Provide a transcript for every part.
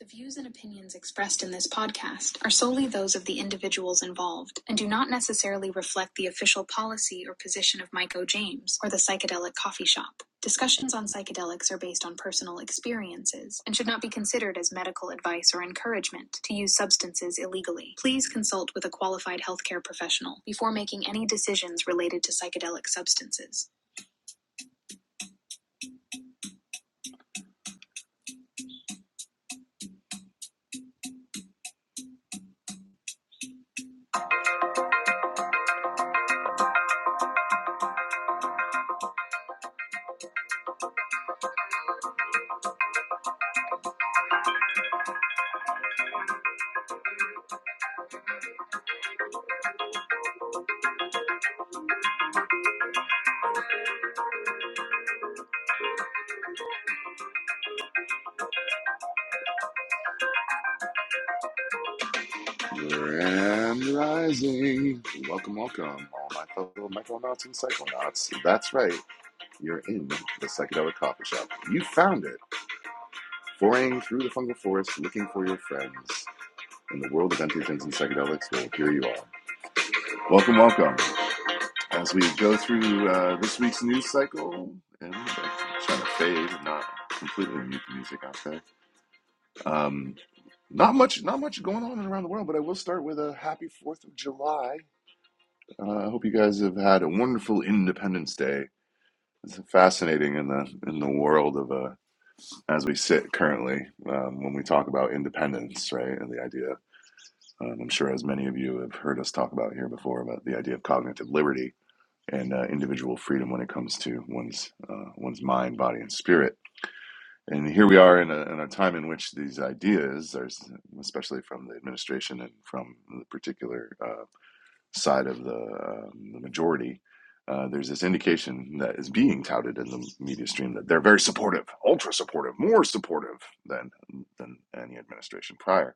The views and opinions expressed in this podcast are solely those of the individuals involved and do not necessarily reflect the official policy or position of Mike O. James or the Psychedelic Coffee Shop. Discussions on psychedelics are based on personal experiences and should not be considered as medical advice or encouragement to use substances illegally. Please consult with a qualified healthcare professional before making any decisions related to psychedelic substances. Grand Rising. Welcome, welcome, all my fellow Micronauts and Psychonauts. That's right, you're in the Psychedelic Coffee Shop. You found it. Foraying through the fungal forest, looking for your friends. In the world of entheogens and psychedelics, well, here you are. Welcome, welcome. As we go through uh, this week's news cycle, and I'm trying to fade, not completely mute the music out there. Um, not much, not much going on around the world, but I will start with a happy Fourth of July Uh, I hope you guys have had a wonderful Independence Day. It's fascinating in the in the world of uh, as we sit currently um, when we talk about independence, right? And the idea, um, I'm sure, as many of you have heard us talk about here before, about the idea of cognitive liberty and uh, individual freedom when it comes to one's uh, one's mind, body, and spirit. And here we are in a, in a time in which these ideas, are, especially from the administration and from the particular uh, side of the, um, the majority, uh, there's this indication that is being touted in the media stream that they're very supportive, ultra supportive, more supportive than than any administration prior.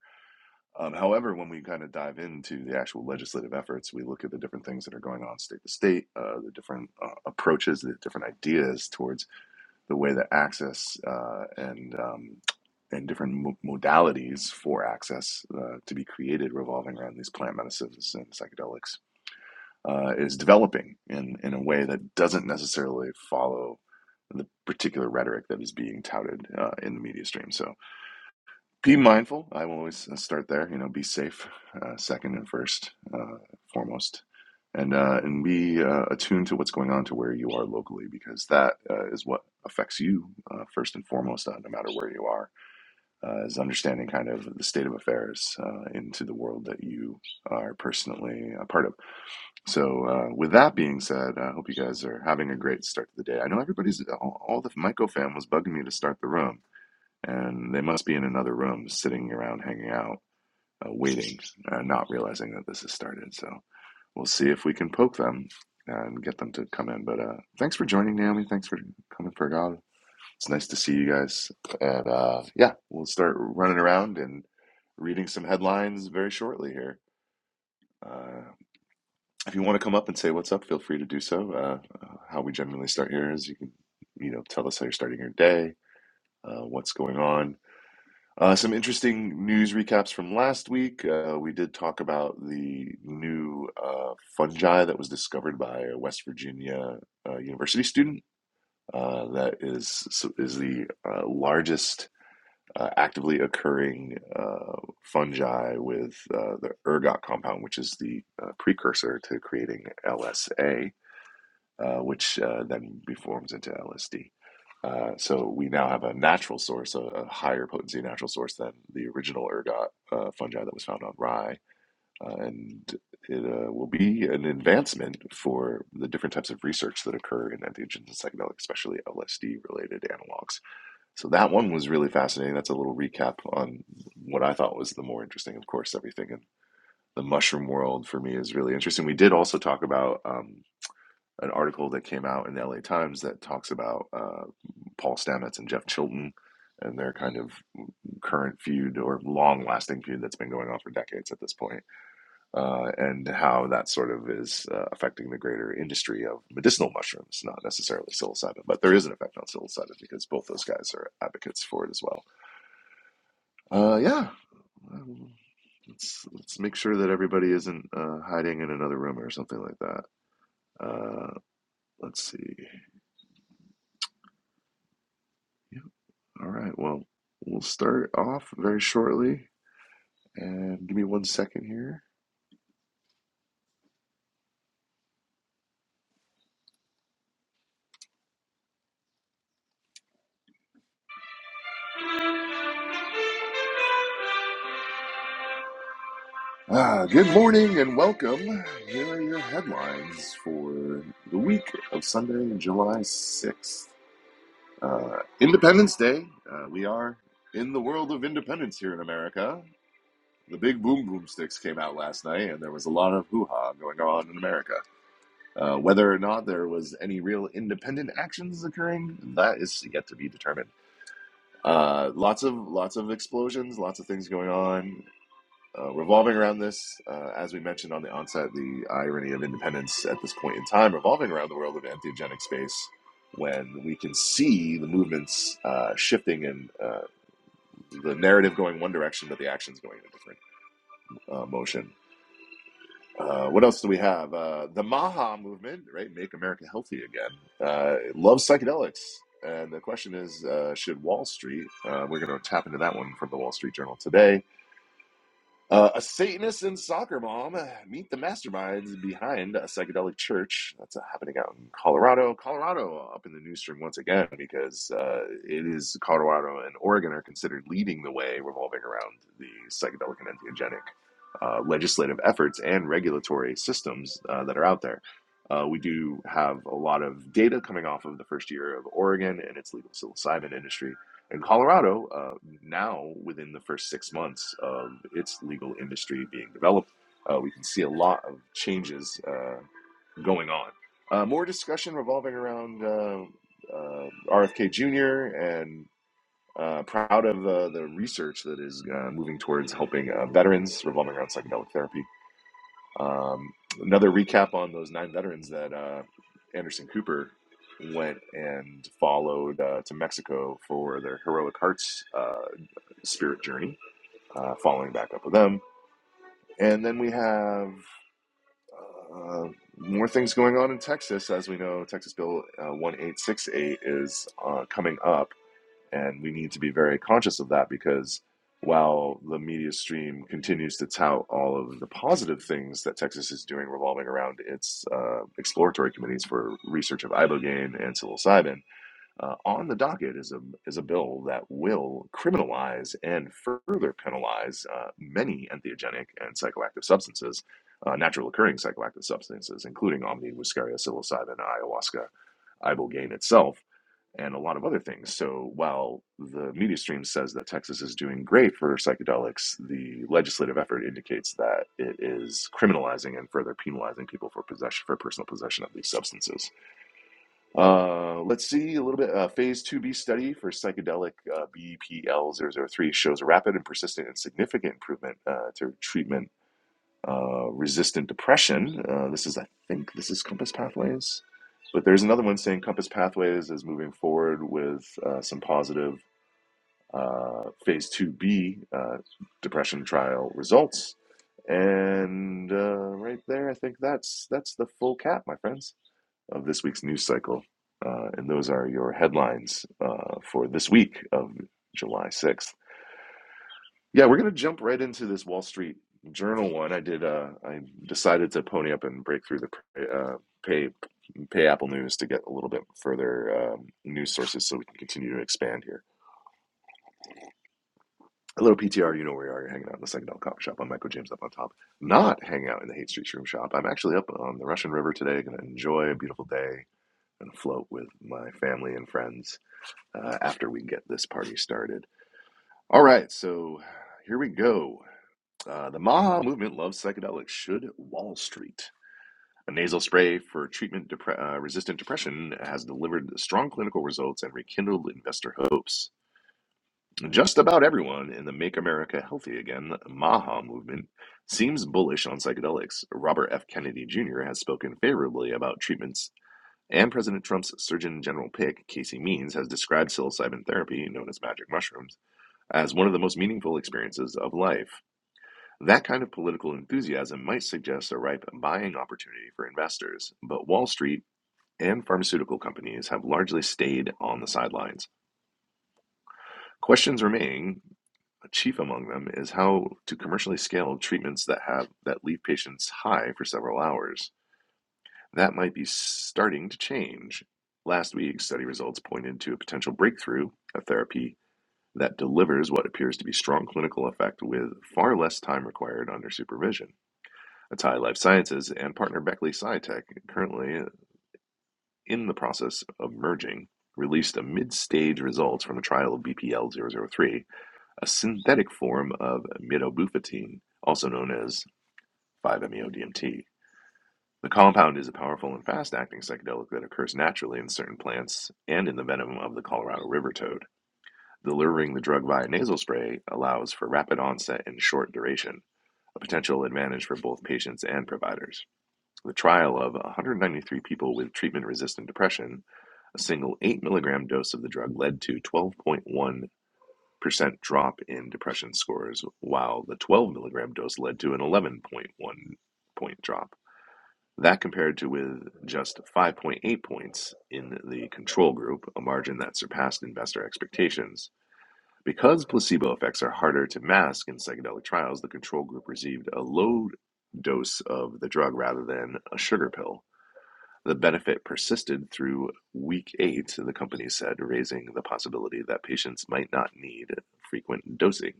Um, however, when we kind of dive into the actual legislative efforts, we look at the different things that are going on state to state, uh, the different uh, approaches, the different ideas towards the way that access uh, and um, and different mo- modalities for access uh, to be created revolving around these plant medicines and psychedelics uh, is developing in, in a way that doesn't necessarily follow the particular rhetoric that is being touted uh, in the media stream. So be mindful. I will always uh, start there. You know, be safe, uh, second and first, uh, foremost, and uh, and be uh, attuned to what's going on to where you are locally, because that uh, is what affects you uh, first and foremost, uh, no matter where you are. Uh, is understanding kind of the state of affairs uh, into the world that you are personally a part of. So, uh, with that being said, I hope you guys are having a great start to the day. I know everybody's, uh, all, all the Myco fam was bugging me to start the room, and they must be in another room sitting around hanging out, uh, waiting, uh, not realizing that this has started. So, we'll see if we can poke them and get them to come in. But uh, thanks for joining, Naomi. Thanks for coming, Fergal. It's nice to see you guys. And uh, yeah, we'll start running around and reading some headlines very shortly here. Uh, if you want to come up and say what's up, feel free to do so. Uh, uh, how we generally start here is you can, you know, tell us how you're starting your day, uh, what's going on. Uh, some interesting news recaps from last week. Uh, we did talk about the new uh, fungi that was discovered by a West Virginia uh, university student. Uh, that is is the uh, largest uh, actively occurring uh, fungi with uh, the ergot compound, which is the uh, precursor to creating LSA uh, which uh, then reforms into LSD. Uh, so we now have a natural source, a, a higher potency natural source than the original ergot uh, fungi that was found on rye, uh, and it uh, will be an advancement for the different types of research that occur in entheogens and psychedelics, especially LSD-related analogs. So that one was really fascinating. That's a little recap on what I thought was the more interesting. Of course, everything in the mushroom world for me is really interesting. We did also talk about. um, an article that came out in the LA Times that talks about uh, Paul Stamets and Jeff Chilton and their kind of current feud or long lasting feud that's been going on for decades at this point, uh, and how that sort of is uh, affecting the greater industry of medicinal mushrooms, not necessarily psilocybin, but there is an effect on psilocybin because both those guys are advocates for it as well. Uh, yeah. Um, Let's, let's make sure that everybody isn't uh, hiding in another room or something like that. Uh, let's see. Yeah, All right, well, we'll start off very shortly. And give me one second here. Ah, good morning and welcome. Here are your headlines for the week of Sunday, July 6th. Uh, Independence Day. Uh, we are in the world of independence here in America. The big boom boom sticks came out last night, and there was a lot of hoo ha going on in America. Uh, whether or not there was any real independent actions occurring, that is yet to be determined. Uh, lots of lots of explosions, lots of things going on, uh, revolving around this. Uh, as we mentioned on the onset, the irony of independence at this point in time, revolving around the world of entheogenic space, when we can see the movements uh, shifting and uh, the narrative going one direction, but the action's going in a different uh, motion. Uh, what else do we have? Uh, the Maha movement, right? Make America Healthy Again. Uh, it loves psychedelics. And the question is, uh, should Wall Street, uh, we're going to tap into that one from the Wall Street Journal today uh, a Satanist and soccer mom meet the masterminds behind a psychedelic church. That's uh, happening out in Colorado. Colorado uh, up in the news string once again because uh, it is Colorado and Oregon are considered leading the way revolving around the psychedelic and entheogenic uh, legislative efforts and regulatory systems uh, that are out there. Uh, we do have a lot of data coming off of the first year of Oregon and its legal psilocybin industry and Colorado, uh, now within the first six months of its legal industry being developed, uh, we can see a lot of changes uh, going on. Uh, more discussion revolving around uh, uh, RFK Jr. and uh, proud of uh, the research that is uh, moving towards helping uh, veterans revolving around psychedelic therapy. Um, another recap on those nine veterans that uh, Anderson Cooper went and followed uh, to Mexico for their heroic hearts. Uh, Spirit Journey, uh, following back up with them. And then we have uh, more things going on in Texas. As we know, Texas Bill uh, 1868 is uh, coming up, and we need to be very conscious of that because while the media stream continues to tout all of the positive things that Texas is doing revolving around its uh, exploratory committees for research of ibogaine and psilocybin, uh, on the docket is a is a bill that will criminalize and further penalize uh, many entheogenic and psychoactive substances, uh, natural occurring psychoactive substances, including omni, muscaria, psilocybin, ayahuasca, ibogaine itself, and a lot of other things. So while the media stream says that Texas is doing great for psychedelics, the legislative effort indicates that it is criminalizing and further penalizing people for possession for personal possession of these substances. Uh, let's see a little bit. Uh, phase 2B study for psychedelic uh, BPL-003 shows a rapid and persistent and significant improvement uh, to treatment uh, resistant depression. Uh, this is, I think, this is Compass Pathways. But there's another one saying Compass Pathways is moving forward with uh, some positive uh, phase 2B uh, depression trial results. And uh, right there, I think that's that's the full cap, my friends of this week's news cycle. Uh, and those are your headlines uh, for this week of July 6th. Yeah, we're going to jump right into this Wall Street Journal one. I did, uh, I decided to pony up and break through the uh, pay, pay Apple News to get a little bit further um, news sources so we can continue to expand here. A little PTR, you know where you are. You're hanging out in the Second Dollar Coffee Shop. I'm Michael James up on top. Not hanging out in the Hate Street Shroom Shop. I'm actually up on the Russian River today. Going to enjoy a beautiful day and float with my family and friends uh, after we get this party started. All right, so here we go. Uh, the Maha movement loves psychedelics. Should Wall Street? A nasal spray for treatment depre- uh, resistant depression has delivered strong clinical results and rekindled investor hopes. Just about everyone in the Make America Healthy Again Maha movement seems bullish on psychedelics. Robert F. Kennedy Jr. has spoken favorably about treatments, and President Trump's Surgeon General pick, Casey Means, has described psilocybin therapy, known as magic mushrooms, as one of the most meaningful experiences of life. That kind of political enthusiasm might suggest a ripe buying opportunity for investors, but Wall Street and pharmaceutical companies have largely stayed on the sidelines. Questions remain, chief among them is how to commercially scale treatments that have that leave patients high for several hours. That might be starting to change. Last week, study results pointed to a potential breakthrough, a therapy that delivers what appears to be strong clinical effect with far less time required under supervision. Atai Life Sciences and partner Beckley SciTech, currently in the process of merging, released a mid-stage results from a trial of bpl zero zero three, a synthetic form of midobufatine, also known as 5-MeO-DMT. The compound is a powerful and fast-acting psychedelic that occurs naturally in certain plants and in the venom of the Colorado river toad. Delivering the drug via nasal spray allows for rapid onset and short duration, a potential advantage for both patients and providers. The trial of 193 people with treatment resistant depression, a single 8 milligram dose of the drug led to 12.1% drop in depression scores, while the 12 milligram dose led to an 11.1 point one point drop. That compared to with just 5.8 points in the control group, a margin that surpassed investor expectations. Because placebo effects are harder to mask in psychedelic trials, the control group received a low dose of the drug rather than a sugar pill. The benefit persisted through week eight, the company said, raising the possibility that patients might not need frequent dosing.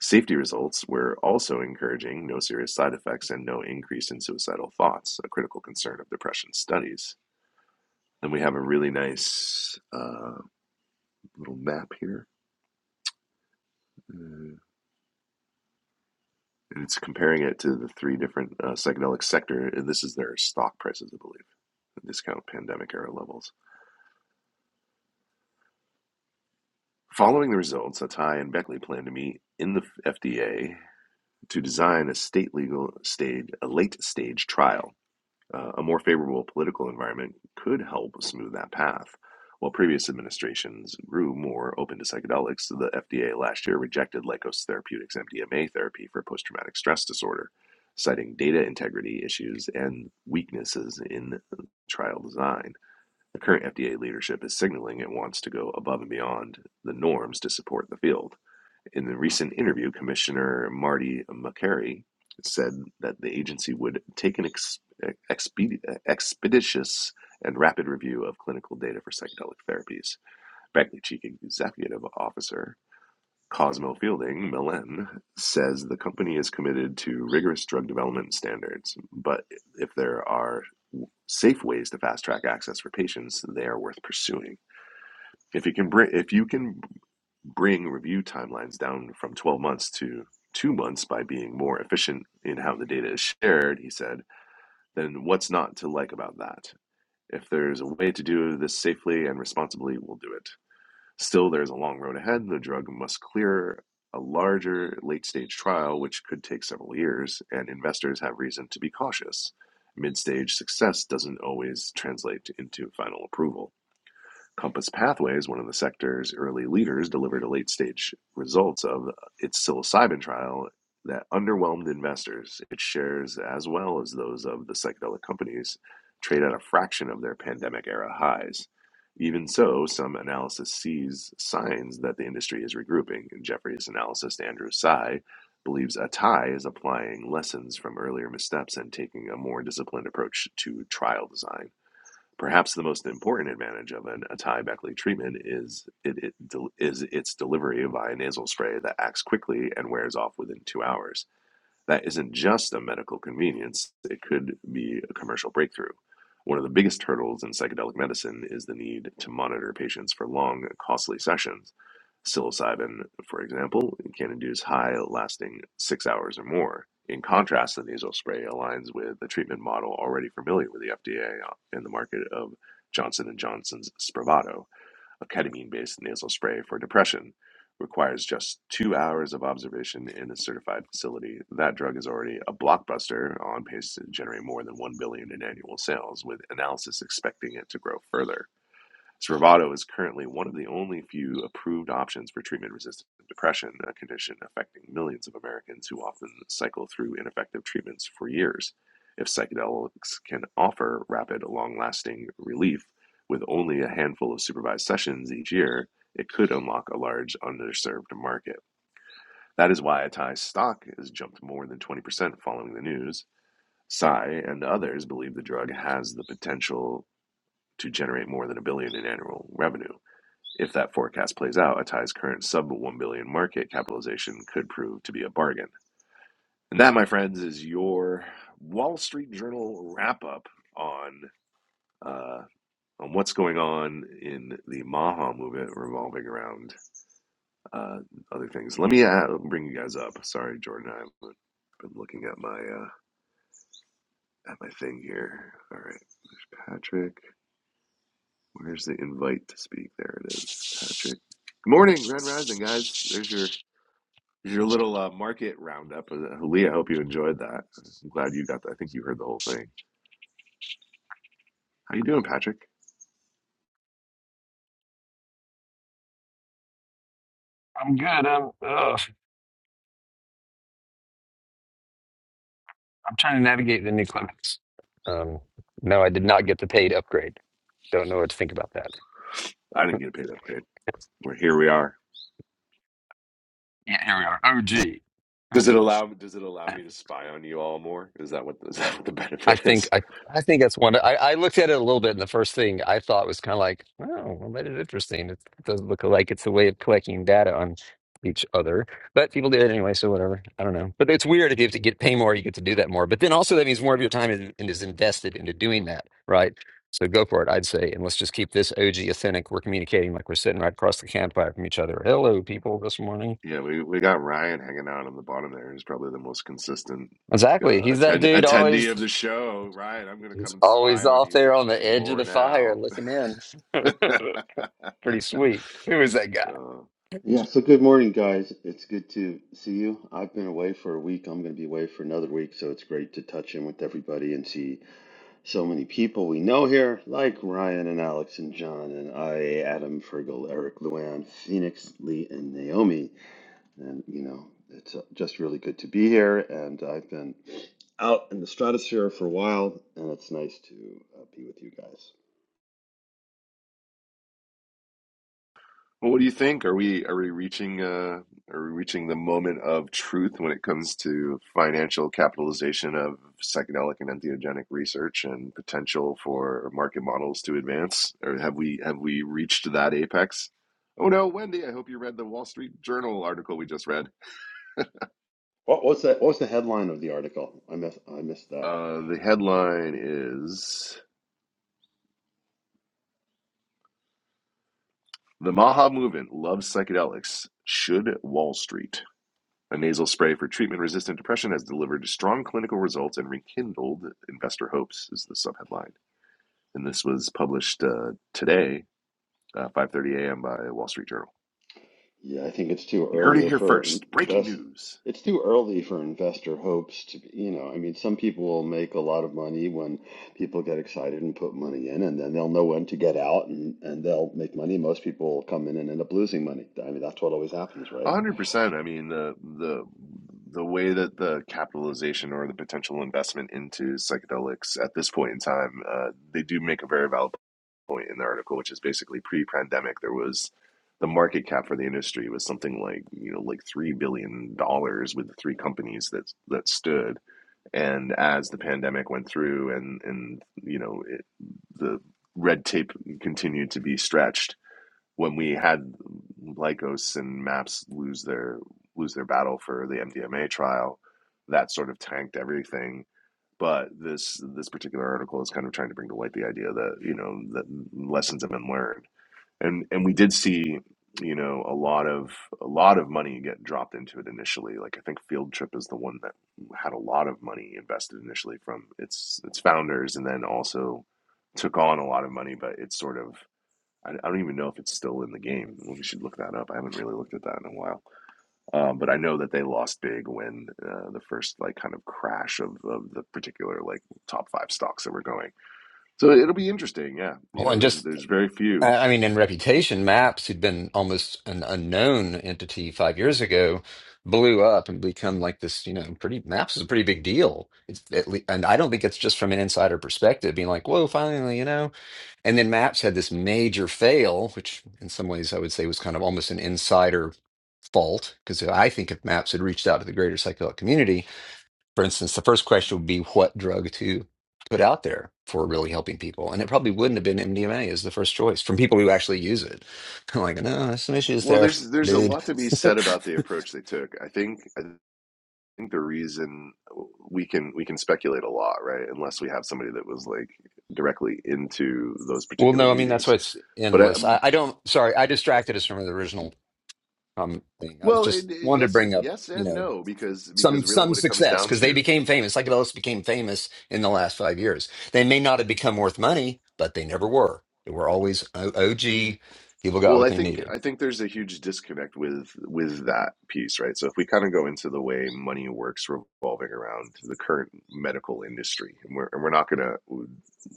Safety results were also encouraging no serious side effects and no increase in suicidal thoughts, a critical concern of depression studies. And we have a really nice uh, little map here. Uh, and it's comparing it to the three different uh, psychedelic sector, and this is their stock prices, I believe, the discount pandemic era levels. Following the results, Atai and Beckley plan to meet in the FDA to design a state legal stage, a late stage trial Uh, a more favorable political environment could help smooth that path. While previous administrations grew more open to psychedelics, the FDA last year rejected Lykos Therapeutics' MDMA therapy for post traumatic stress disorder, citing data integrity issues and weaknesses in trial design. The current FDA leadership is signaling it wants to go above and beyond the norms to support the field. In the recent interview, Commissioner Marty McCary said that the agency would take an ex- expedi- expeditious and rapid review of clinical data for psychedelic therapies. Beckley Chief Executive Officer Cosmo Fielding Millen says the company is committed to rigorous drug development standards, but if there are safe ways to fast track access for patients, they are worth pursuing. If you can bring if you can bring review timelines down from 12 months to two months by being more efficient in how the data is shared, he said, then what's not to like about that? If there's a way to do this safely and responsibly, we'll do it. Still, there's a long road ahead. The drug must clear a larger late stage trial, which could take several years, and investors have reason to be cautious. Mid stage success doesn't always translate into final approval. Compass Pathways, one of the sector's early leaders, delivered a late-stage results of its psilocybin trial that underwhelmed investors. Its shares, as well as those of the psychedelic companies, trade at a fraction of their pandemic era highs. Even so, some analysis sees signs that the industry is regrouping. In Jeffrey's analyst Andrew Tsai believes Atai is applying lessons from earlier missteps and taking a more disciplined approach to trial design. Perhaps the most important advantage of an atai-Beckley treatment is it, it is its delivery via nasal spray that acts quickly and wears off within two hours that isn't just a medical convenience, it could be a commercial breakthrough. One of the biggest hurdles in psychedelic medicine is the need to monitor patients for long, costly sessions. Psilocybin, for example, can induce high lasting six hours or more. In contrast, the nasal spray aligns with the treatment model already familiar with the FDA in the market of Johnson& and Johnson's Spravato a ketamine based nasal spray for depression requires just two hours of observation in a certified facility. That drug is already a blockbuster on pace to generate more than 1 billion in annual sales, with analysis expecting it to grow further. Spravato is currently one of the only few approved options for treatment resistant depression, a condition affecting millions of Americans who often cycle through ineffective treatments for years. If psychedelics can offer rapid, long lasting relief with only a handful of supervised sessions each year, it could unlock a large underserved market. That is why Atai's stock has jumped more than 20% following the news. Psy and others believe the drug has the potential to generate more than a billion in annual revenue if that forecast plays out, Atai's current sub 1 billion market capitalization could prove to be a bargain. And that, my friends, is your Wall Street Journal wrap up on uh, on what's going on in the Maha movement revolving around uh, other things. Let me uh, bring you guys up. Sorry, Jordan, I've been looking at my uh, at my thing here. All right, there's Patrick. Where's the invite to speak? There it is, Patrick. Good morning, Grand Rising, guys. There's your There's your little uh, market roundup. Uh, Lee, I hope you enjoyed that. I'm glad you got that. I think you heard the whole thing. How you doing, Patrick? I'm good. I'm ugh. I'm trying to navigate the new Clemens. Um, no, I did not get the paid upgrade. Don't know what to think about that. I didn't get a paid upgrade. We're here. We are. Yeah, here we Does it allow? Does it allow are. OG. me to spy on you all more? Is that what is that what the I benefit think is? I, I think that's one. I, I looked at it a little bit, and the first thing I thought was kind of like, "Oh, well, that is interesting. It doesn't look like it's a way of collecting data on each other." But people do it anyway, so whatever. I don't know. But it's weird if you have to get pay more, you get to do that more. But then also that means more of your time is, is invested into doing that, right? So go for it, I'd say, and let's just keep this OG authentic. We're communicating like we're sitting right across the campfire from each other. Hello, people, this morning. Yeah, we, we got Ryan hanging out on the bottom there. He's probably the most consistent Exactly. uh, He's that attend dude attendee of always. the show. Ryan, I'm gonna He's come and always spy on off you there on the edge of more the fire now. looking in. Pretty sweet. Who is that guy? Uh, Yeah, so good morning, guys. It's good to see you. I've been away for a week. I'm going to be away for another week, so it's great to touch in with everybody and see so many people we know here, like Ryan and Alex and John and I, Adam, Fergal, Eric, Luann, Phoenix, Lee, and Naomi. And, you know, it's uh, just really good to be here. And I've been out in the stratosphere for a while, and it's nice to uh, be with you guys. Well, what do you think? Are we are we reaching uh are we reaching the moment of truth when it comes to financial capitalization of psychedelic and entheogenic research and potential for market models to advance? Or have we have we reached that apex? Oh no, Wendy, I hope you read the Wall Street Journal article we just read. What was that? What was the headline of the article? I missed, I missed that. Uh, the headline is The Maha Movement Loves Psychedelics. Should Wall Street? A nasal spray for treatment-resistant depression has delivered strong clinical results and rekindled investor hopes is the subheadline. And this was published uh, today, uh, 5:30 a.m. by Wall Street Journal. Yeah, I think it's too You heard it earlier here for first. Breaking invest. news. It's too early for investor hopes to, be- you know, I mean, some people will make a lot of money when people get excited and put money in, and then they'll know when to get out and, and they'll make money. Most people will come in and end up losing money. I mean, that's what always happens, A right? hundred percent. I mean, the the the way that the capitalization or the potential investment into psychedelics at this point in time, uh, they do make a very valid point in the article, which is basically pre-pandemic, there was the market cap for the industry was something like you know like three billion dollars with the three companies that that stood. And as the pandemic went through, and and you know it, the red tape continued to be stretched when we had Lycos and Maps lose their lose their battle for the MDMA trial, that sort of tanked everything. But this this particular article is kind of trying to bring to light the idea that you know that lessons have been learned, and and we did see you know a lot of a lot of money get dropped into it initially. Like I think Field Trip is the one that had a lot of money invested initially from its its founders, and then also took on a lot of money, but it's sort of I, I don't even know if it's still in the game. We should look that up. I haven't really looked at that in a while. Um, but I know that they lost big when uh, the first like kind of crash of, of the particular like top five stocks that were going. So it'll be interesting. Yeah, you Well, know, and there's just, there's very I few. I mean, in Reputation, Maps, who'd been almost an unknown entity five years ago, blew up and become like this, you know, pretty, Maps is a pretty big deal. It's at le and I don't think it's just from an insider perspective, being like, whoa, finally, you know. And then Maps had this major fail, which in some ways I would say was kind of almost an insider fault, because I think if Maps had reached out to the greater psychedelic community, for instance, the first question would be what drug to put out there for really helping people. And it probably wouldn't have been MDMA as the first choice from people who actually use it. I'm like, no, there's some issues Well, there, there's there's a dude. lot to be said about the approach they took. I think I think the reason we can we can speculate a lot, right? Unless we have somebody that was like directly into those well, particular no, I mean, that's meetings. why it's But I, endless. I, I don't, sorry, I distracted us from the original um, thing. I was Well, just it, it- wanted to yes bring and up, yes you and know, no, because some because really some what it comes success down because they to, became famous. Psychedelics became famous in the last five years. They may not have become worth money, but they never were. They were always O- OG. People got well, what I they think needed. I think there's a huge disconnect with with that piece, right? So if we kind of go into the way money works revolving around the current medical industry, and we're and we're not gonna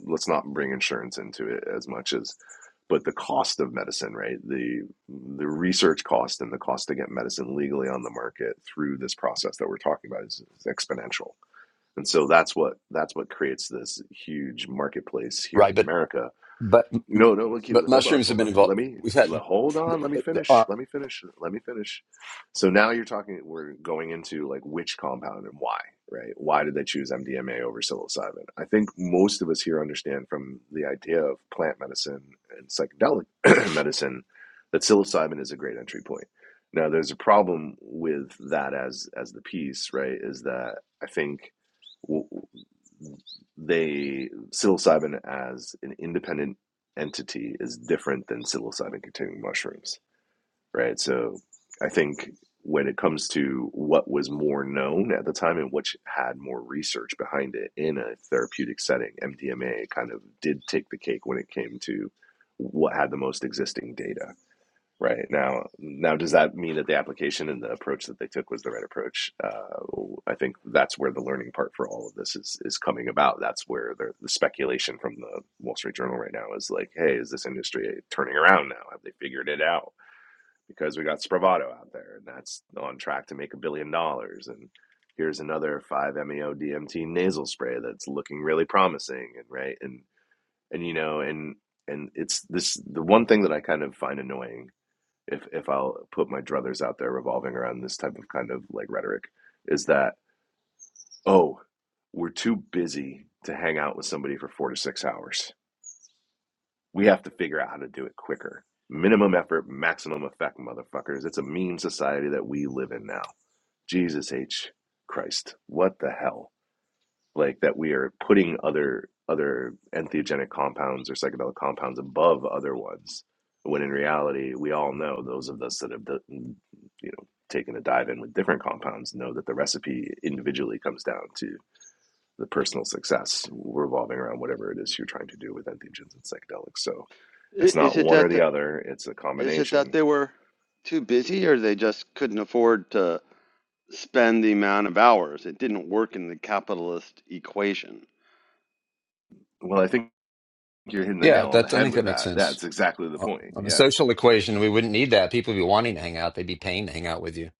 let's not bring insurance into it as much as, but the cost of medicine, right? The the research cost and the cost to get medicine legally on the market through this process that we're talking about is exponential And so that's what that's what creates this huge marketplace here Right. in But America but no, no, look, you- but hold on, mushrooms have hold been on. Let involved. me We've le- had hold on. Let me uh, uh, finish. our Let me finish. Let me finish. So now you're talking. We're going into like which compound and why, right? Why did they choose MDMA over psilocybin? I think most of us here understand from the idea of plant medicine and psychedelic medicine that psilocybin is a great entry point. Now, there's a problem with that as as the piece, right? Is that I think w- they psilocybin as an independent entity is different than psilocybin containing mushrooms, right? So I think when it comes to what was more known at the time and which had more research behind it in a therapeutic setting, MDMA kind of did take the cake when it came to what had the most existing data. Right now, now does that mean that the application and the approach that they took was the right approach? Uh, I think that's where the learning part for all of this is is coming about. That's where the, the speculation from the Wall Street Journal right now is like, hey, is this industry turning around now? Have they figured it out? Because we got Spravato out there, and that's on track to make a billion dollars, and here's another five MEO DMT nasal spray that's looking really promising, and right, and and you know, and and it's this the one thing that I kind of find annoying if if I'll put my druthers out there revolving around this type of kind of like rhetoric is that oh we're too busy to hang out with somebody for four to six hours. We have to figure out how to do it quicker. Minimum effort, maximum effect, motherfuckers. It's a meme society that we live in now. Jesus H. Christ, what the hell? like that we are putting other other entheogenic compounds or psychedelic compounds above other ones when in reality we all know those of us that have d- mm, you know taken a dive in with different compounds know that the recipe individually comes down to the personal success revolving around whatever it is you're trying to do with entheogens and psychedelics so it's I- not Is it one or that the the, other it's a is it that combination they were too busy, or they just couldn't afford to spend the amount of hours? It didn't work in the capitalist equation. well i think You're hitting the yeah. nail on the That's I head think with that makes that. sense. That's exactly the Uh, point. On a Yeah, social equation, we wouldn't need that. People would be wanting to hang out. They'd be paying to hang out with you.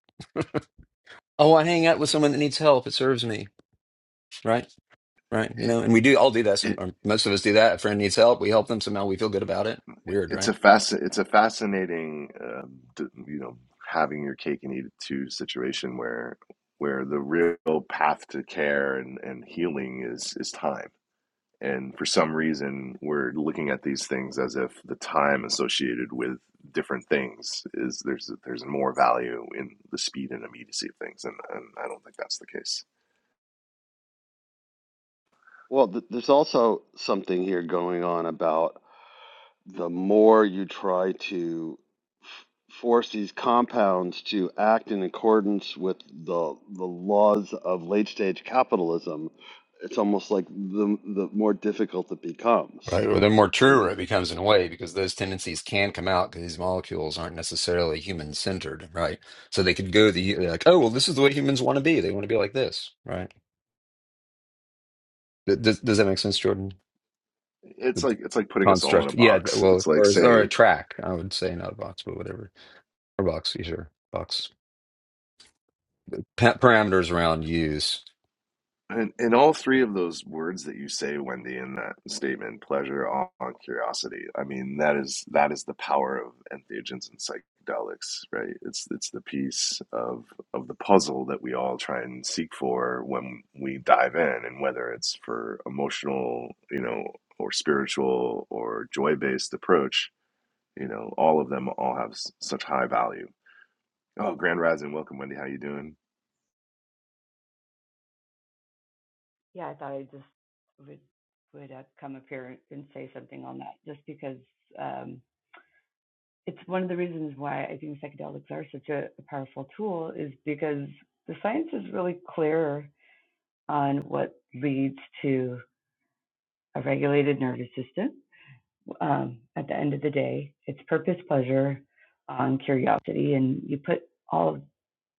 Oh, I hang out with someone that needs help. It serves me right, right. You it, know, and we do all do that. Some it or most of us do that. A friend needs help. We help them somehow. We feel good about it. Weird, it's a right? fasc it's a fascinating um, you know having your cake and eat it too situation where where the real path to care and, and healing is is time. And for some reason, we're looking at these things as if the time associated with different things is there's there's more value in the speed and immediacy of things, and, and I don't think that's the case Well, th there's also something here going on about. the more you try to f- force these compounds to act in accordance with the the laws of late stage capitalism, it's almost like the the more difficult it becomes. Right. Well, the more Like truer it becomes in a way, because those tendencies can come out because these molecules aren't necessarily human centered, right? So they could go the like, oh well, this is the way humans want to be. They want to be like this, right? Does does that make sense, Jordan? it's The, like the it's like putting us all in a construct, yeah. th- box. Well, It's like or is- or a saying track, I would say, not a box, but whatever, or box, yeah, sure, box pa- parameters around use. And in all three of those words that you say, Wendy, in that statement, pleasure, awe, and curiosity, I mean, that is that is the power of entheogens and psychedelics, right? It's it's the piece of of the puzzle that we all try and seek for when we dive in, and whether it's for emotional, you know, or spiritual or joy-based approach, you know, all of them all have s- such high value. Oh, Grand Rising, welcome, Wendy. How you doing? Yeah, I thought I just would would uh, come up here and say something on that, just because um, it's one of the reasons why I think psychedelics are such a, a powerful tool is because the science is really clear on what leads to a regulated nervous system. Um, at the end of the day, it's purpose, pleasure, on um, curiosity, and you put all of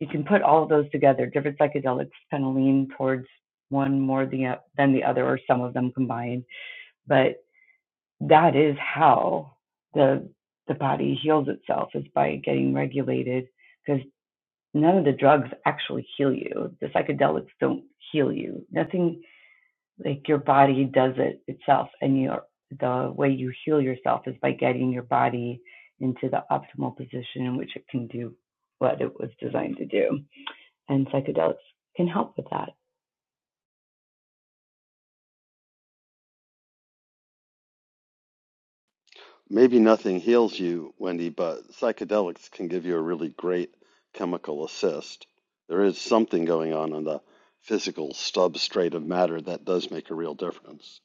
you can put all of those together. Different psychedelics kind of lean towards one more than the other, or some of them combined. but that is how the the body heals itself is by getting regulated because none of the drugs actually heal you the psychedelics don't heal you nothing like your body does it itself and your the way you heal yourself is by getting your body into the optimal position in which it can do what it was designed to do and psychedelics can help with that maybe nothing heals you, Wendy, but psychedelics can give you a really great chemical assist. There is something going on in the physical substrate of matter that does make a real difference.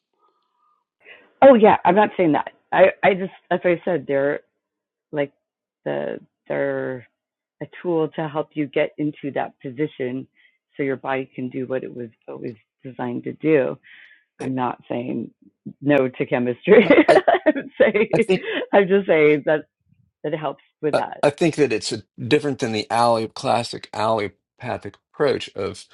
oh yeah i'm not saying that i i just as i said they're like the they're a tool to help you get into that position so your body can do what it was always designed to do. Eh, I'm not saying no to chemistry. no, I I'm saying I think I'm just saying that that it helps with I that. I think that it's a, different than the alley classic allopathic approach of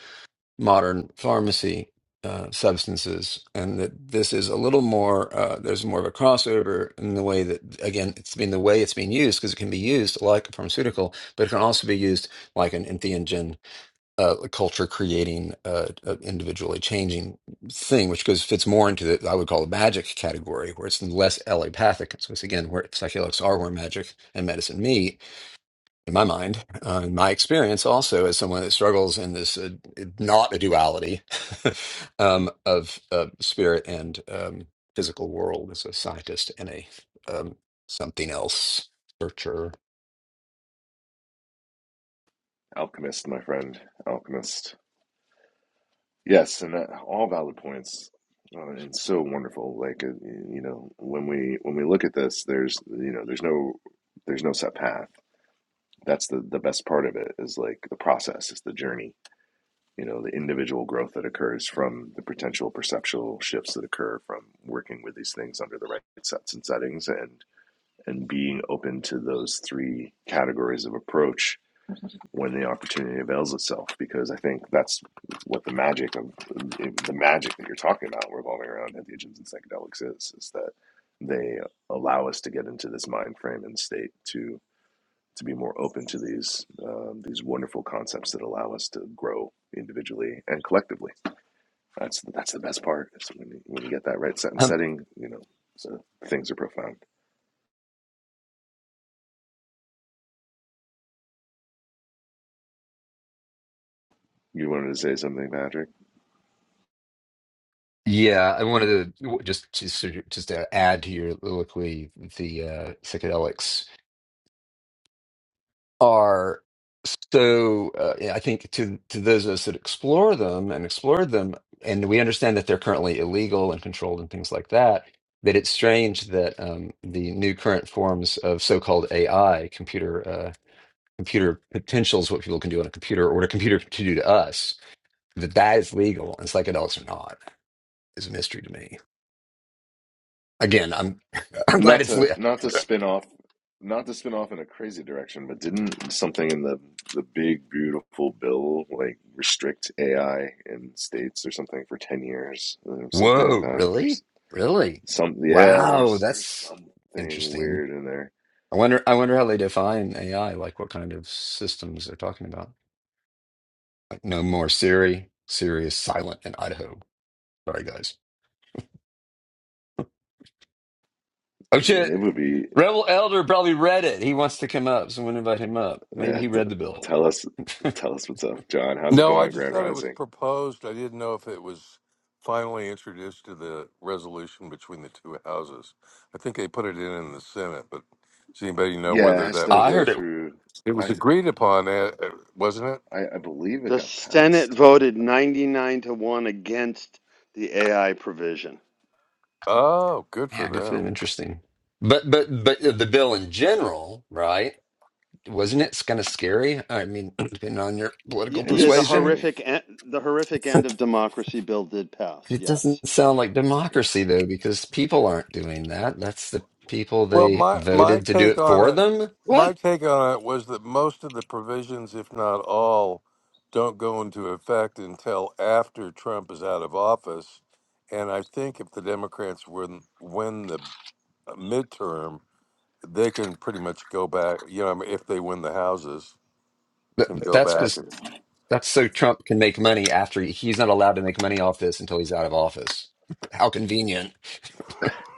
modern pharmacy uh, substances, and that this is a little more. Uh, there's more of a crossover in the way that again, it's been the way it's being used because it can be used like a pharmaceutical, but it can also be used like an entheogen uh, a culture creating uh, a individually changing thing, which goes fits more into the I would call the magic category, where it's less allopathic. So it's again where psychedelics are where magic and medicine meet. In my mind, uh, in my experience, also as someone that struggles in this uh, not a duality um, of uh, spirit and um, physical world as a scientist and a um, something else searcher. Alchemist, my friend, alchemist. Yes, and that, all valid points. Uh, and so wonderful. Like uh, you know, when we when we look at this, there's you know, there's no there's no set path. That's the the best part of it is like the process, is the journey. You know, the individual growth that occurs from the potential perceptual shifts that occur from working with these things under the right sets and settings, and and being open to those three categories of approach when the opportunity avails itself because I think that's what the magic of the magic that you're talking about revolving around entheogens and psychedelics is is that they allow us to get into this mind frame and state to to be more open to these um, these wonderful concepts that allow us to grow individually and collectively. That's that's the best part. It's when you, when you get that right set and setting, you know, the things are profound. You wanted to say something, Patrick? Yeah, I wanted to just just sort of- just to add to your soliloquy, the uh, psychedelics are so. Uh, yeah, I think to to those of us that explore them and explored them, and we understand that they're currently illegal and controlled and things like that. That it's strange that um, the new current forms of so-called AI, computer uh, computer potentials, what people can do on a computer or what a computer can do to us, that that is legal and psychedelics are not, is a mystery to me. Again, I'm I'm glad Not it's. to not to spin off not to spin off in a crazy direction, but didn't something in the the big beautiful bill like restrict AI in states or something for 10 years or something like Whoa, that? There's really? Really? some yeah, Wow, there's there's that's something interesting. weird in there. I wonder I wonder how they define AI, like what kind of systems they're talking about. Like no more Siri. Siri is silent in Idaho. Sorry guys. Oh It, shit. it would be Rebel Elder probably read it. He wants to come up. Someone invite him up. Maybe yeah, he read the bill. tell us tell us what's up, John. How's it No, I going, just Grand thought it was Rising? proposed. I didn't know if it was finally introduced to the resolution between the two houses. I think they put it in in the Senate, but does anybody know Yeah, it whether has that to I was go heard it. through it was I agreed upon, eh, eh, wasn't it? I, I believe it The got Senate passed. voted 99 to 1 against the AI provision. Oh, good for Yeah, good for them. them. Interesting. But but but uh, the bill in general, right? Wasn't it kind of scary? I mean, depending on your Y- y- political It Yeah, is the persuasion. scary. horrific en- the horrific end of democracy bill did pass. It Yes. doesn't sound like democracy, Yes. though, because people aren't doing that. That's the people Well, they my my voted to do take it on for it, them. my What? take on it was that most of the provisions, if not all, don't go into effect until after Trump is out of office. And I think if the Democrats win win the midterm, they can pretty much go back. You know, I mean, if they win the houses, Th- can go That's back. because and- that's so Trump can make money after he- he's not allowed to make money off this until he's out of office. How convenient.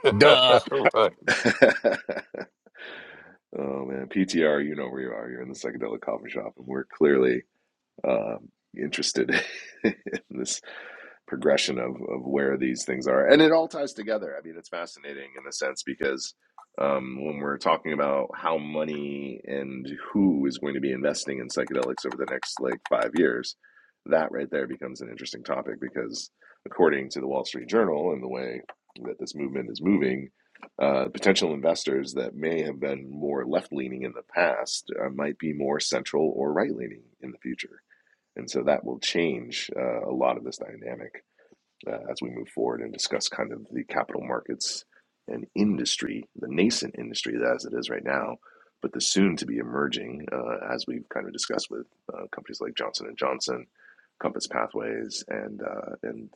Duh. right Oh man, PTR, you know where you are. You're in the psychedelic coffee shop, and we're clearly um, interested in this progression of of where these things are and it all ties together i mean it's fascinating in a sense because um, when we're talking about how money and who is going to be investing in psychedelics over the next like five years that right there becomes an interesting topic because according to the wall street journal and the way that this movement is moving uh, potential investors that may have been more left leaning in the past uh, might be more central or right leaning in the future and so that will change uh, a lot of this dynamic uh, as we move forward and discuss kind of the capital markets and industry, the nascent industry as it is right now, but the soon to be emerging, uh, as we've kind of discussed with uh, companies like Johnson and Johnson, Compass Pathways, and uh, and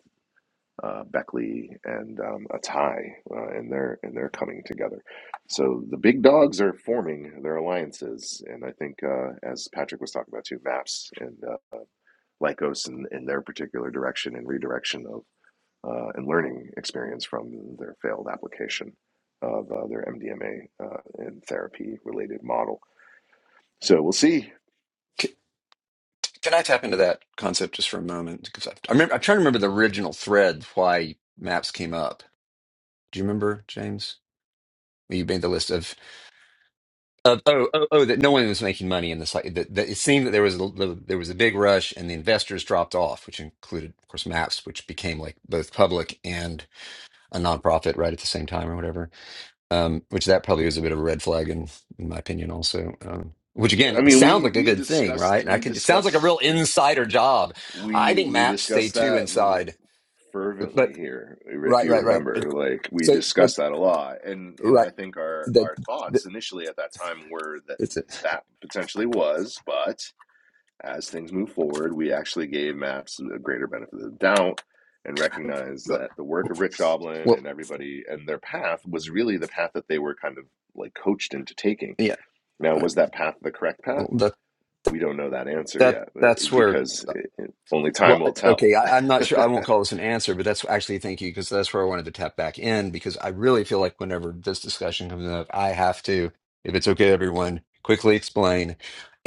uh, Beckley and um, Atai, uh, and they're and they're coming together. So the big dogs are forming their alliances, and I think uh, as Patrick was talking about too, Maps and uh, Lycos and in their particular direction and redirection of uh, and learning experience from their failed application of uh, their MDMA uh, and therapy related model. So we'll see. C- Can I tap into that concept just for a moment? Because I, I remember, I'm trying to remember the original thread why maps came up. Do you remember, James? Well, You made the list of Uh, oh, oh, oh, that no one was making money in this. Like, that, that it seemed that there was a, l- there was a big rush, and the investors dropped off, which included, of course, Maps, which became like both public and a nonprofit right at the same time, or whatever. Um, which that probably was a bit of a red flag, in in my opinion, also. Um, which I again, it mean, sounds we like a we good thing, right? discussed And I we can, it sounds like a discussed real insider job. I we think we Maps discussed stayed too that inside, but fervently here. If right, you right, right. remember, But like we so, but discussed that a lot, and and right, I think our that, our that thoughts initially at that time were that that's it. that potentially was, but as things move forward, we actually gave maps a greater benefit of the doubt and recognized that the work of Rick Doblin Well, and everybody and their path was really the path that they were kind of like coached into taking. yeah, Now, right. was that path the correct path? Well, that We don't know that answer That yet eh, that's where. because it, it, only time Well, will tell. okay, I, I'm not sure. I won't call this an answer, but that's actually thank you because that's where I wanted to tap back in because I really feel like whenever this discussion comes up, I have to, if it's okay, everyone, quickly explain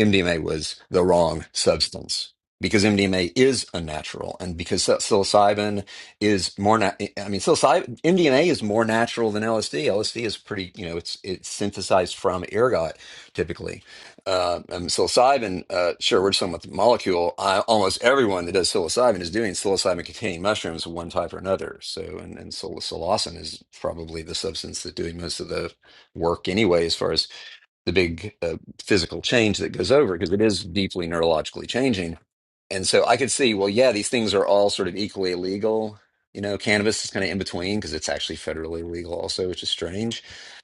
MDMA was the wrong substance because MDMA is unnatural and because psil- psilocybin is more. Na- I mean, psilocybin MDMA is more natural than LSD. LSD is pretty, you know, it's it's synthesized from ergot typically uh, um, psilocybin, uh, sure, we're just talking about the molecule. I, almost everyone that does psilocybin is doing psilocybin-containing mushrooms of one type or another. So, and, and psil- psilocin is probably the substance that's doing most of the work anyway, as far as the big uh, physical change that goes over because it is deeply neurologically changing. And so I could see, well, yeah, these things are all sort of equally illegal. You know, cannabis is kind of in between because it's actually federally legal also, which is strange.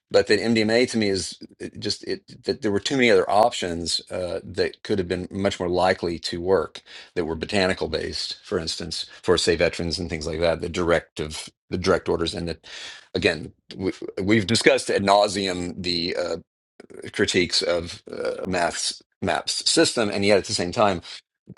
But then MDMA to me is it just it that there were too many other options uh, that could have been much more likely to work that were botanical based, for instance, for say veterans and things like that. The directive, the direct orders, and the again, we, we've discussed ad nauseum the uh, critiques of uh, math's maps system and yet at the same time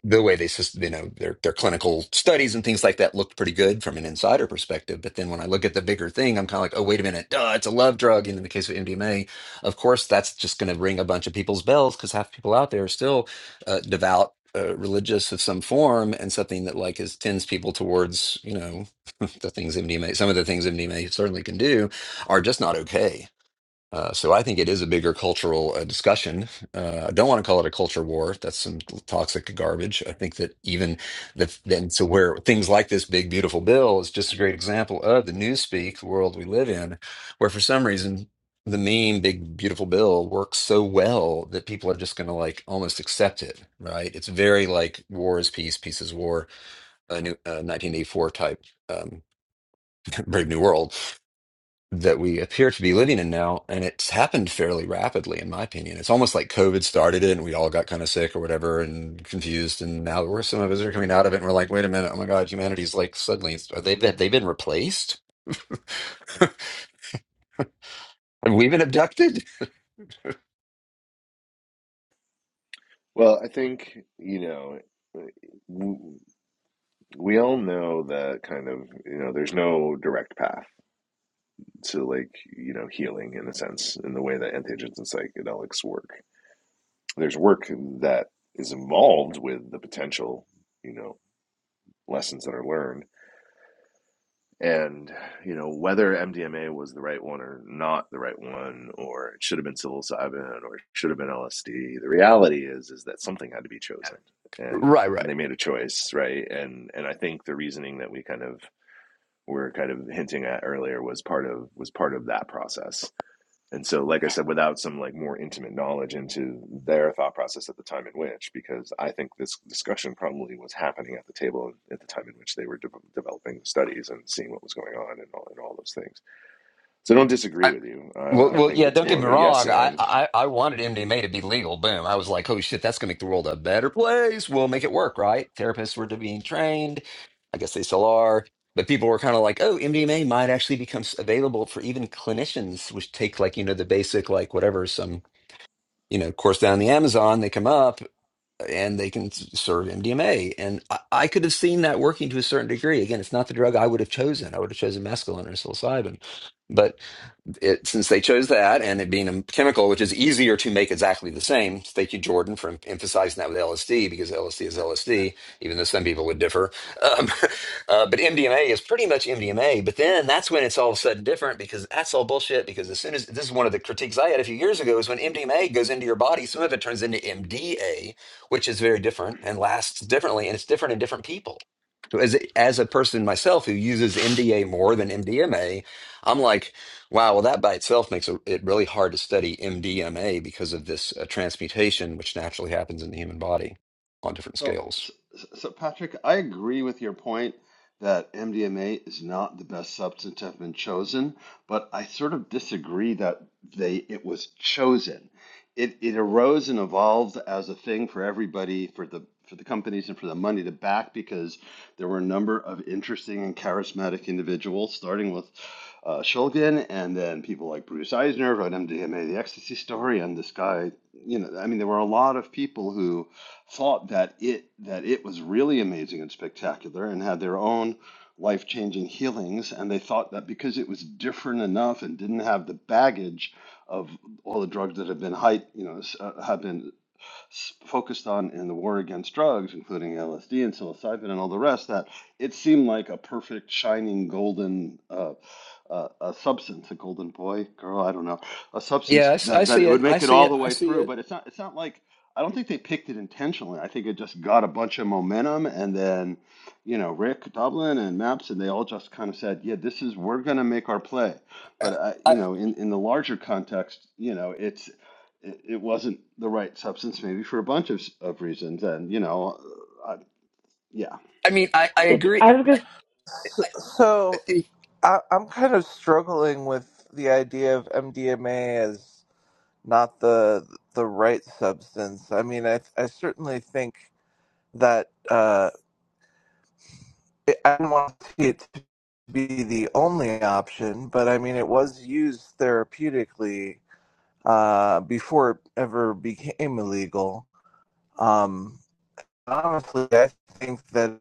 the way they sys- you know their their clinical studies and things like that looked pretty good from an insider perspective but then when i look at the bigger thing i'm kind of like oh wait a minute duh, it's a love drug and in the case of mdma of course that's just going to ring a bunch of people's bells because half the people out there are still uh, devout uh, religious of some form and something that like is tends people towards you know the things mdma some of the things mdma certainly can do are just not okay uh, so I think it is a bigger cultural uh, discussion. Uh, I don't want to call it a culture war. That's some toxic garbage. I think that even the, then, so where things like this big, beautiful bill is just a great example of the newspeak world we live in, where for some reason the meme big, beautiful bill works so well that people are just going to like almost accept it, right? It's very like war is peace, peace is war, a new uh, 1984 type um, Brave New World that we appear to be living in now, and it's happened fairly rapidly, in my opinion. It's almost like COVID started it, and we all got kind of sick or whatever, and confused, and now we're some of us are coming out of it, and we're like, wait a minute, oh my God, humanity's like suddenly are they have they been replaced? Have we been abducted? Well, I think, you know, we all know that kind of, you know, there's no direct path to like, you know, healing in a sense, in the way that entheogens and psychedelics work there's work that is involved with the potential, you know, lessons that are learned. And, you know, whether MDMA was the right one or not the right one, or it should have been psilocybin or it should have been LSD, the reality is is that something had to be chosen. And Right, right. they made a choice, right? And and I think the reasoning that we kind of were kind of hinting at earlier was part of was part of that process and so, like I said, without some like more intimate knowledge into their thought process at the time in which, because I think this discussion probably was happening at the table at the time in which they were de- developing studies and seeing what was going on and all, and all those things. So I don't disagree with you. Well, Uh, I well, think yeah. it's Don't more get me It of a yes wrong. I, and. I, I wanted MDMA to be legal. Boom. I was like, oh shit, that's gonna make the world a better place. We'll make it work, right? Therapists were to being trained. I guess they still are. But people were kind of like, oh, MDMA might actually become s- available for even clinicians, which take like you know the basic like whatever some you know course down the Amazon. They come up and they can s- serve MDMA, and I, I could have seen that working to a certain degree. Again, it's not the drug I would have chosen. I would have chosen mescaline or psilocybin it, since they chose that and it being a chemical, which is easier to make exactly the same. Thank you, Jordan, for emphasizing that with LSD because LSD is LSD, even though some people would differ. Um, uh, but MDMA is pretty much MDMA. But then that's when it's all of a sudden different because that's all bullshit. Because as soon as this is one of the critiques I had a few years ago is when MDMA goes into your body, some of it turns into MDA, which is very different and lasts differently. And it's different in different people. As, as a person myself who uses MDA more than MDMA, I'm like, Wow, well, that by itself makes it it really hard to study MDMA because of this uh, transmutation, which naturally happens in the human body on different So, scales. so, so Patrick, I agree with your point that MDMA is not the best substance to have been chosen, but I sort of disagree that they it was chosen. It it arose and evolved as a thing for everybody, for the for the companies and for the money to back because there were a number of interesting and charismatic individuals, starting with uh, Shulgin and then people like Bruce Eisner wrote MDMA, The Ecstasy Story, and this guy, you know, I mean, there were a lot of people who thought that it that it was really amazing and spectacular and had their own life-changing healings and they thought that because it was different enough and didn't have the baggage of all the drugs that have been hype you know s- uh, have been focused on in the war against drugs, including LSD and psilocybin and all the rest, that it seemed like a perfect, shining, golden uh, uh, a substance, a golden boy, girl, I don't know, a Yeah, substance I, s- I that, that see it would it. I make it see all it. the I way see through. it. But it's not. It's not like I don't think they picked it intentionally. I think it just got a bunch of momentum, and then, you know, Rick Dublin and Maps, and they all just kind of said, "Yeah, this is we're gonna make our play." But I, I, you know, in in the larger context, you know, it's it, it wasn't the right substance, maybe for a bunch of, of reasons. And, you know, uh, I, yeah. I mean, I, I It's agree. I was I, gonna I, I, So think- I, I'm kind of struggling with the idea of MDMA as not the the right substance. I mean, I I certainly think that uh, it, I don't want to see it to be the only option, but I mean, it was used therapeutically uh, before it ever became illegal. Um, honestly, I think that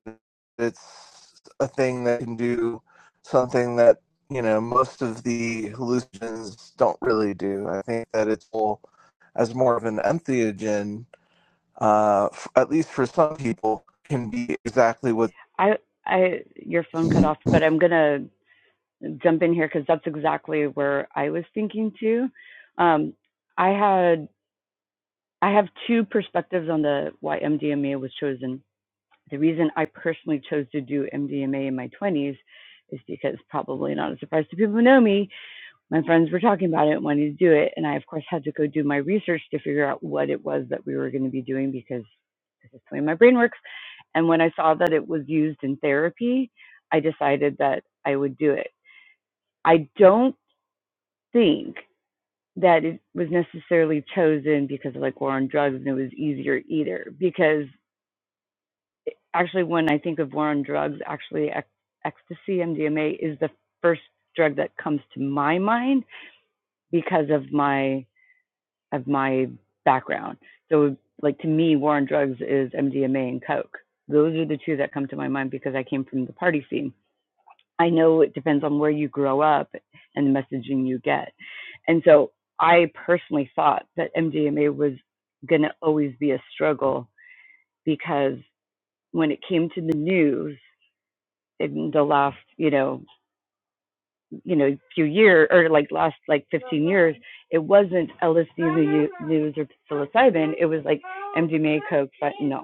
it's a thing that can do something that you know most of the hallucinogens don't really do. I think that it's all as more of an entheogen, uh, f- at least for some people, can be exactly what. I I your phone cut off, but I'm gonna jump in here because that's exactly where I was thinking too. Um, I had I have two perspectives on the why MDMA was chosen The reason I personally chose to do MDMA in my 20s is because, probably not a surprise to people who know me, my friends were talking about it and wanted to do it. And I, of course, had to go do my research to figure out what it was that we were going to be doing because this is the way my brain works. And when I saw that it was used in therapy, I decided that I would do it. I don't think that it was necessarily chosen because of like war on drugs and it was easier either because actually when I think of war on drugs, actually ec- ecstasy, MDMA is the first drug that comes to my mind because of my of my background. So like to me, war on drugs is MDMA and coke. Those are the two that come to my mind because I came from the party scene. I know it depends on where you grow up and the messaging you get. And so I personally thought that MDMA was going to always be a struggle because when it came to the news, in the last you know you know few years or like last like 15 years it wasn't LSD in the news or psilocybin it was like MDMA coke fentanyl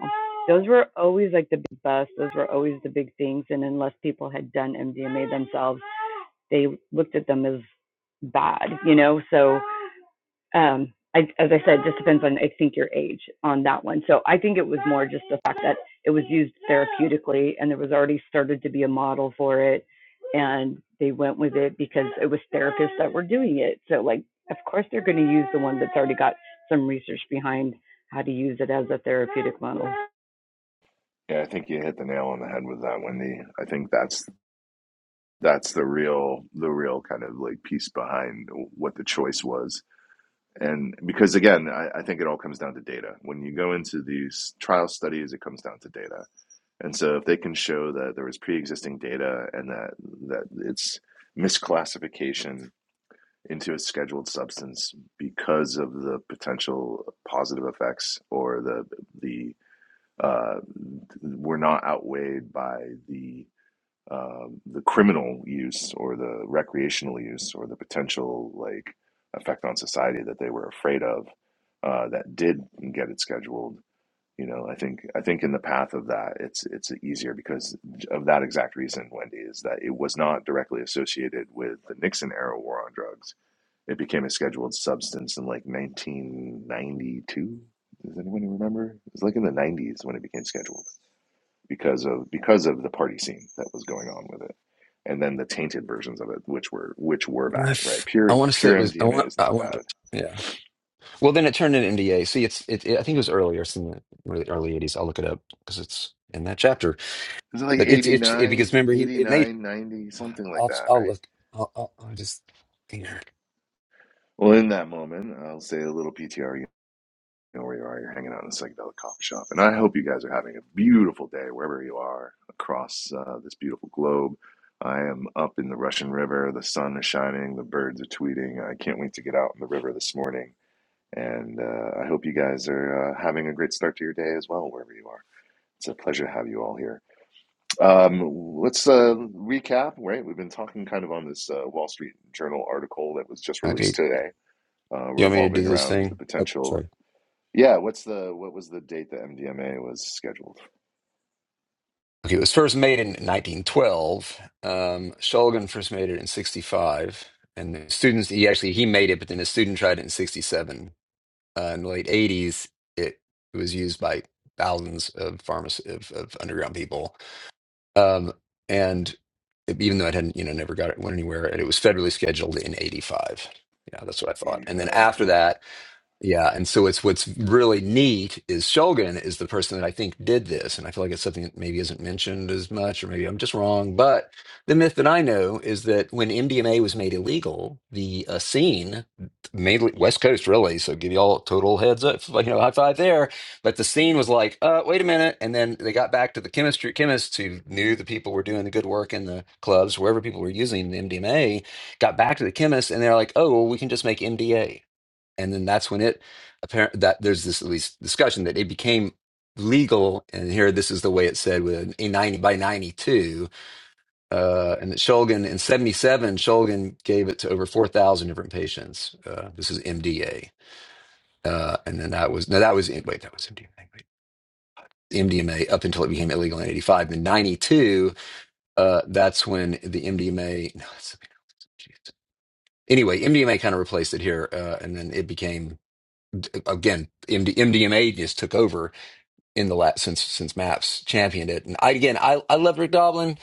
those were always like the big bust those were always the big things and unless people had done MDMA themselves they looked at them as bad you know so um, I, as I said, it just depends on I think your age on that one. So I think it was more just the fact that it was used therapeutically, and there was already started to be a model for it, and they went with it because it was therapists that were doing it. So like, of course they're going to use the one that's already got some research behind how to use it as a therapeutic model. Yeah, I think you hit the nail on the head with that, Wendy. I think that's that's the real the real kind of like piece behind what the choice was and because again I, I think it all comes down to data when you go into these trial studies it comes down to data And so if they can show that there was pre-existing data and that that its misclassification into a scheduled substance because of the potential positive effects or the the uh, were not outweighed by the um, the criminal use or the recreational use or the potential like effect on society that they were afraid of uh, that did get it scheduled you know, I think I think in the path of that, it's it's easier because of that exact reason, Wendy, is that it was not directly associated with the Nixon era war on drugs. It became a scheduled substance in like 1992. Does anyone remember? It was like in the 90s when it became scheduled because of because of the party scene that was going on with it, and then the tainted versions of it, which were which were bad, right? I Pure want to say pure it was. I MDMA want. is I not want. to- bad. Yeah. Well, then it turned into NDA. See, it's. It, it, I think it was earlier. It's in the really early '80s. I'll look it up because it's in that chapter. It was like But it's it's it, because 89, remember he it made. 89, 90, something like I'll that, I'll right? look. I'll, I'll, I'll just here. Well, in that moment, I'll say a little PTR. You know where you are. You're hanging out in a psychedelic coffee shop, and I hope you guys are having a beautiful day wherever you are across uh, this beautiful globe. I am up in the Russian River. The sun is shining. The birds are tweeting. I can't wait to get out in the river this morning. And uh, I hope you guys are uh, having a great start to your day as well, wherever you are. It's a pleasure to have you all here. Um, let's uh, recap, right? We've been talking kind of on this uh, Wall Street Journal article that was just released today uh, You want me to do revolving this around the thing? Oh, potential. sorry. Yeah, what's the what was the date that MDMA was scheduled? Okay, it was first made in 1912. Um, Shulgin first made it in 65, and the students he actually he made it, but then a student tried it in 67. Uh, in the late 80s, it was used by thousands of pharmacy of, of underground people, um, and it- even though it hadn't you know never got it went anywhere, and it was federally scheduled in 85. Yeah, that's what I thought. Eighty And then five. after that. Yeah, and so it's what's really neat is Shogun is the person that I think did this, and I feel like it's something that maybe isn't mentioned as much, or maybe I'm just wrong. But the myth that I know is that when MDMA was made illegal, the uh, scene, mainly West Coast, really, so give you all total heads up, like, you know, high five there. But the scene was like, uh, wait a minute, and then they got back to the chemistry chemists who knew the people were doing the good work in the clubs, wherever people were using the MDMA, got back to the chemists, and they're like, oh, well, we can just make MDA and then that's when it apparent that there's this at least discussion that it became legal and here this is the way it said with a 90 by 92 uh and that Shulgin in 77 Shulgin gave it to over 4000 different patients uh this is MDA uh and then that was no that was wait that was MDMA wait. MDMA up until it became illegal in 85 in 92 uh that's when the MDMA no that's anyway MDMA kind of replaced it here uh and then it became again, MD, MDMA just took over in the last since since Maps championed it. And I again, I I love Rick Doblin,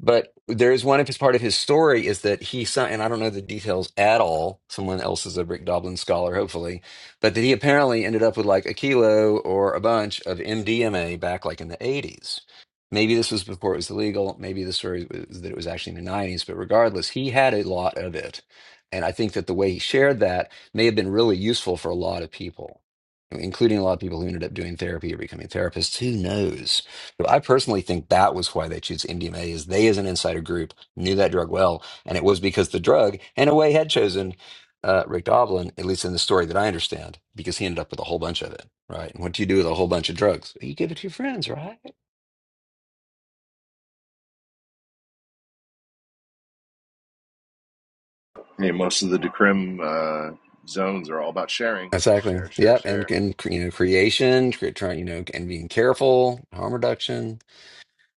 but there is one of his part of his story is that he si- and I don't know the details at all. Someone else is a Rick Doblin scholar, hopefully, but that he apparently ended up with like a kilo or a bunch of MDMA back like in the eighties. Maybe this was before it was illegal. Maybe the story was that it was actually in the nineties. But regardless, he had a lot of it, and I think that the way he shared that may have been really useful for a lot of people including a lot of people who ended up doing therapy or becoming therapists. Who knows? But I personally think that was why they choose MDMA is they as an insider group knew that drug well. And it was because the drug, in a way, had chosen uh, Rick Doblin, at least in the story that I understand, because he ended up with a whole bunch of it, right? And what do you do with a whole bunch of drugs? Well, You give it to your friends, right? Hey, most of the decrim uh, zones are all about sharing, Exactly. share, share, Yep. And, share. and you know, creation, cre- trying, you know, and being careful, harm reduction,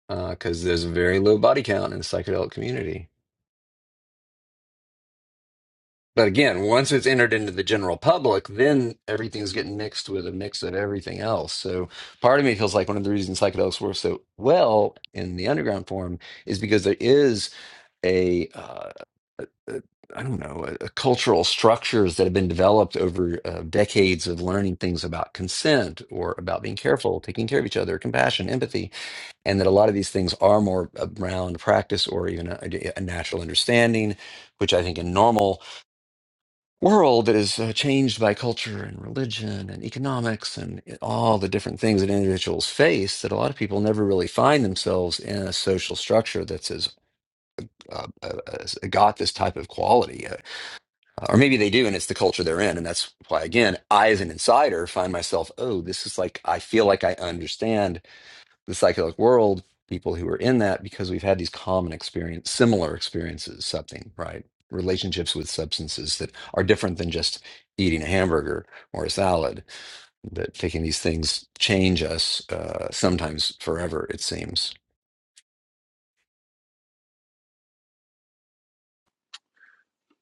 because there's a very low body count in the psychedelic community. But again, once it's entered into the general public, then everything's getting mixed with a mix of everything else. So part of me feels like one of the reasons psychedelics work so well in the underground form is because there is a uh, a- I don't know a, a cultural structures that have been developed over uh, decades of learning things about consent or about being careful, taking care of each other, compassion, empathy, and that a lot of these things are more around practice or even a, a natural understanding, which I think in normal world that is uh, changed by culture and religion and economics and all the different things that individuals face that a lot of people never really find themselves in a social structure that's as uh, uh, as uh, got this type of quality, uh, or maybe they do, and it's the culture they're in, and that's why, again, I, as an insider, find myself, oh, this is like I feel like I understand the psychedelic world, people who are in that, because we've had these common experience, similar experiences, something, right? Relationships with substances that are different than just eating a hamburger or a salad, that taking these things change us uh, sometimes forever, it seems.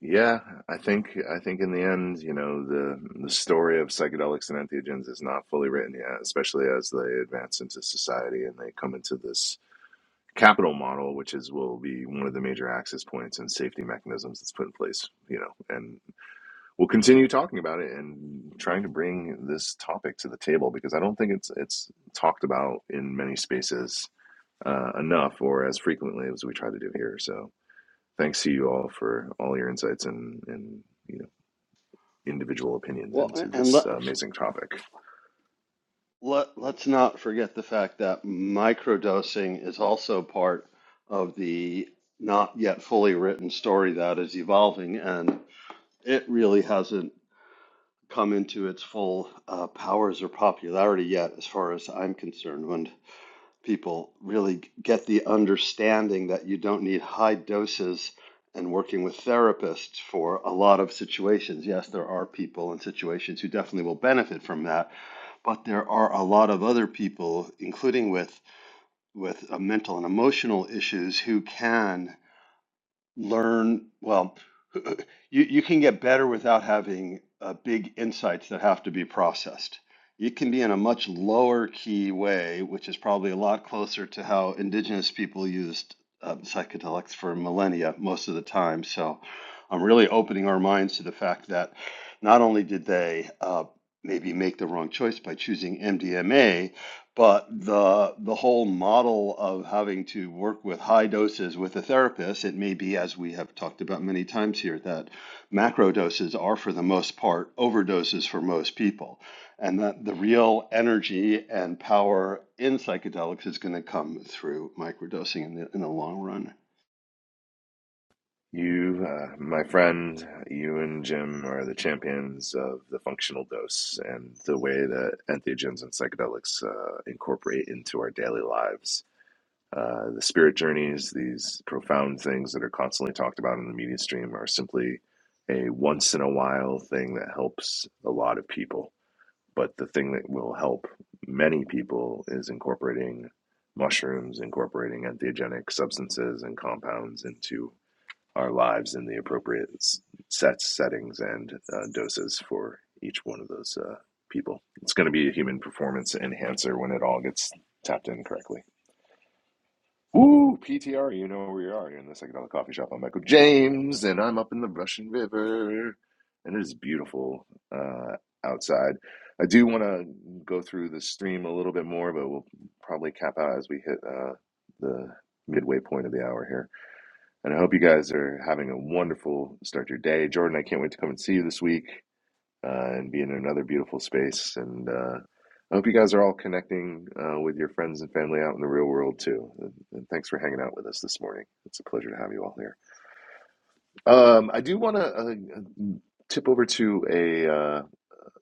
Yeah, I think I think in the end, you know, the the story of psychedelics and entheogens is not fully written yet, especially as they advance into society and they come into this capital model, which is will be one of the major access points and safety mechanisms that's put in place, you know, and we'll continue talking about it and trying to bring this topic to the table because I don't think it's it's talked about in many spaces uh, enough or as frequently as we try to do here. So thanks to you all for all your insights and and you know individual opinions Well, into and this let, uh, amazing topic. let, let's not forget the fact that microdosing is also part of the not yet fully written story that is evolving. And it really hasn't come into its full uh, powers or popularity yet, as far as I'm concerned. When people really get the understanding that you don't need high doses and working with therapists for a lot of situations. Yes, there are people in situations who definitely will benefit from that, but there are a lot of other people, including with with uh, mental and emotional issues, who can learn well you, you can get better without having uh, big insights that have to be processed it can be in a much lower key way which is probably a lot closer to how indigenous people used um, psychedelics for millennia most of the time so i'm really opening our minds to the fact that not only did they uh, maybe make the wrong choice by choosing mdma but the the whole model of having to work with high doses with a therapist, it may be as we have talked about many times here, that macro doses are for the most part overdoses for most people, and that the real energy and power in psychedelics is going to come through microdosing in the in the long run. You, uh, my friend, you and Jim are the champions of the functional dose and the way that entheogens and psychedelics uh, incorporate into our daily lives Uh, the spirit journeys, these profound things that are constantly talked about in the media stream, are simply a once in a while thing that helps a lot of people. But the thing that will help many people is incorporating mushrooms, incorporating entheogenic substances and compounds into our lives in the appropriate sets, settings, and uh, doses for each one of those uh, people. It's going to be a human performance enhancer when it all gets tapped in correctly. Ooh, PTR, you know where you are. You're in the psychedelic coffee shop. I'm Michael James, and I'm up in the Russian River, and it is beautiful uh, outside. I do want to go through the stream a little bit more, but we'll probably cap out as we hit uh, the midway point of the hour here. And I hope you guys are having a wonderful start to your day. Jordan, I can't wait to come and see you this week uh, and be in another beautiful space. And uh, I hope you guys are all connecting uh, with your friends and family out in the real world too. And, and thanks for hanging out with us this morning. It's a pleasure to have you all here. Um, I do want to uh, tip over to a, uh,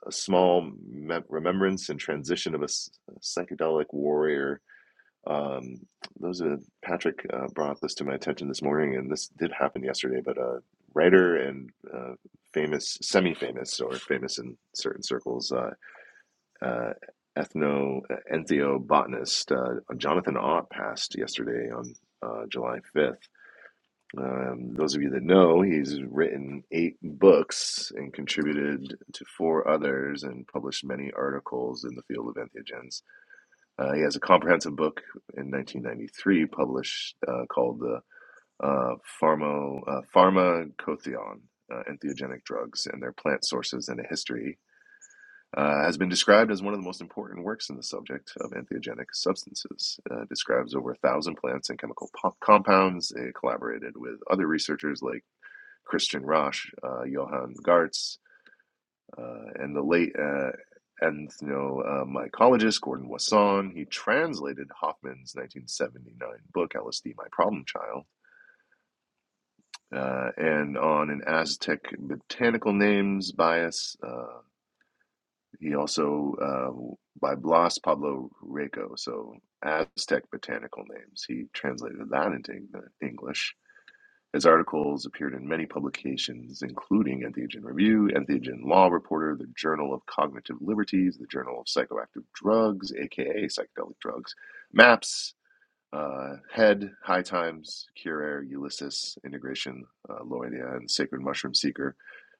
a small mem- remembrance and transition of a, s- a psychedelic warrior. Um, those are Patrick uh, brought this to my attention this morning, and this did happen yesterday. But uh, writer and uh, famous, semi-famous, or famous in certain circles, uh, uh, ethno entheobotanist uh, Jonathan Ott passed yesterday on uh, July 5th. Um, those of you that know, he's written eight books and contributed to four others and published many articles in the field of entheogens. Uh, he has a comprehensive book in 1993 published uh, called the uh, Pharma, uh, Pharmacotheon, uh, Entheogenic Drugs and Their Plant Sources and a History, uh, has been described as one of the most important works in the subject of entheogenic substances. Uh, describes over a thousand plants and chemical po- compounds. It collaborated with other researchers like Christian Roche, uh, Johann Gartz, uh, and the late uh, ethnomycologist Gordon Wasson. He translated Hoffman's 1979 book, LSD My Problem Child. Uh, and on an Aztec botanical names bias, uh, He also, uh, by Blas Pablo Rico, so Aztec botanical names, he translated that into Eng- English. His articles appeared in many publications, including Entheogen Review, Entheogen Law Reporter, the Journal of Cognitive Liberties, the Journal of Psychoactive Drugs, aka Psychedelic Drugs, MAPS, uh, Head, High Times, Cure Air, Ulysses, Integration, uh, Loidia, and Sacred Mushroom Seeker,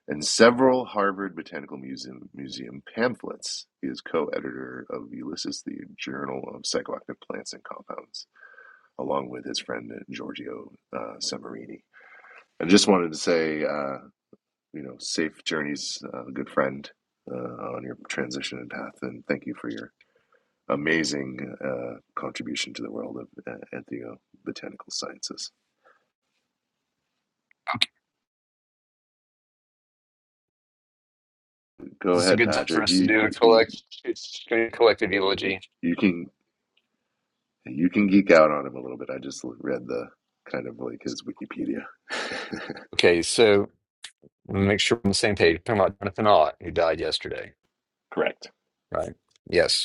and several Harvard Botanical Museum, Museum pamphlets. He is co editor of Ulysses, the Journal of Psychoactive Plants and Compounds, along with his friend Giorgio uh, Samarini. I just wanted to say, uh, you know, safe journeys, uh, good friend, uh, on your transition and path, and thank you for your amazing uh, contribution to the world of uh, ethnobotanical sciences. Go This is a ahead, good time for Patrick. us to You, do a you collect it's a collective you eulogy. can you can geek out on him a little bit. I just read the kind of like his Wikipedia. Okay, so make sure we're on the same page. Talking about Jonathan Ott, who died yesterday, correct, right? Yes.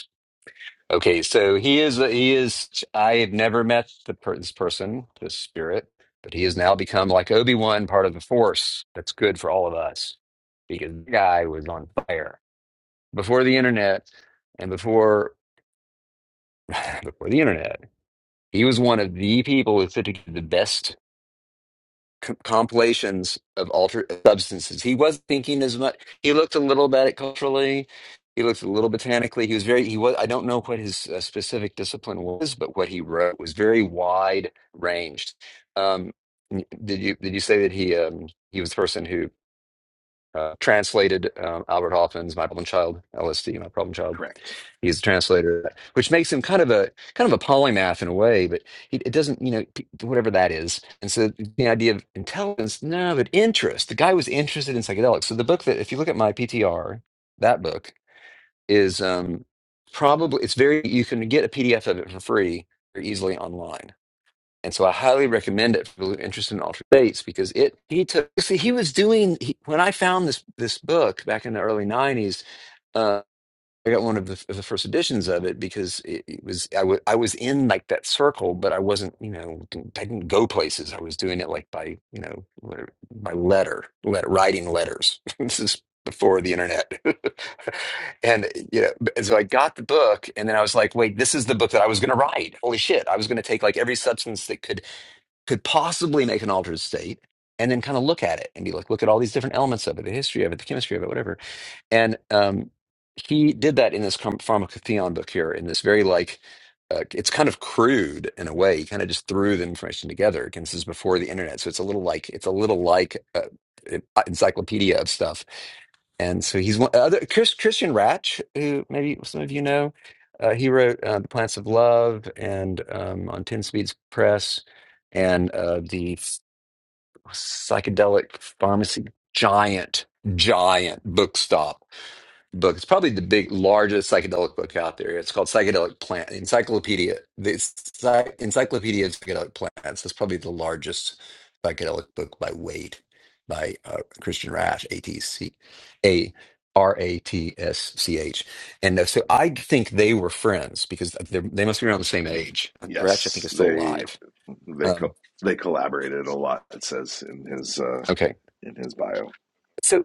Okay, so he is he is I had never met the per, this person, this spirit, but he has now become like Obi-Wan, part of the Force. That's good for all of us because the guy was on fire before the internet and before before the internet. He was one of the people who fitted the best c- compilations of altered substances. He was thinking as much. He looked a little bit at it culturally. He looked a little botanically. He was very. He was. I don't know what his uh, specific discipline was, but what he wrote was very wide ranged. Um, n- did you did you say that he um, he was the person who? uh, translated um, Albert Hoffman's My Problem Child, LSD, My Problem Child. correct. He's a translator, which makes him kind of a kind of a polymath in a way, but he, it doesn't, you know, p- whatever that is. And so the idea of intelligence, no, but interest. The guy was interested in psychedelics. So the book that, if you look at my PTR, that book is um, probably it's very you can get a PDF of it for free very easily online and so I highly recommend it for those interested in altered states because it he took see he was doing he, when I found this this book back in the early '90s. Uh, I got one of the, of the first editions of it because it, it was I was I was in like that circle, but I wasn't you know didn't- I didn't go places. I was doing it like by you know letter- by letter, letter writing letters. this is before the internet, and you know b- and so I got the book, and then I was like, wait, this is the book that I was going to write. Holy shit! I was going to take like every substance that could could possibly make an altered state and then kind of look at it and be like look at all these different elements of it the history of it the chemistry of it whatever and um, he did that in this pharm- pharmacotheon book here in this very like uh, it's kind of crude in a way he kind of just threw the information together again this is before the internet so it's a little like it's a little like uh, an encyclopedia of stuff and so he's one other Chris, Christian Ratch, who maybe some of you know. Uh, he wrote uh, The Plants of Love and um, on Ten Speeds Press and uh, the psychedelic pharmacy giant, giant bookstop book. It's probably the big, largest psychedelic book out there. It's called Psychedelic Plant Encyclopedia. The Psy- Encyclopedia of Psychedelic Plants is probably the largest psychedelic book by weight by uh, Christian Rash, A T C A R A T S C H. And uh, so I think they were friends because they're- they must be around the same age. Gretsch, I think, Yes, is still they alive. they Um, co- they collaborated a lot. It says in his uh, okay. in his bio. So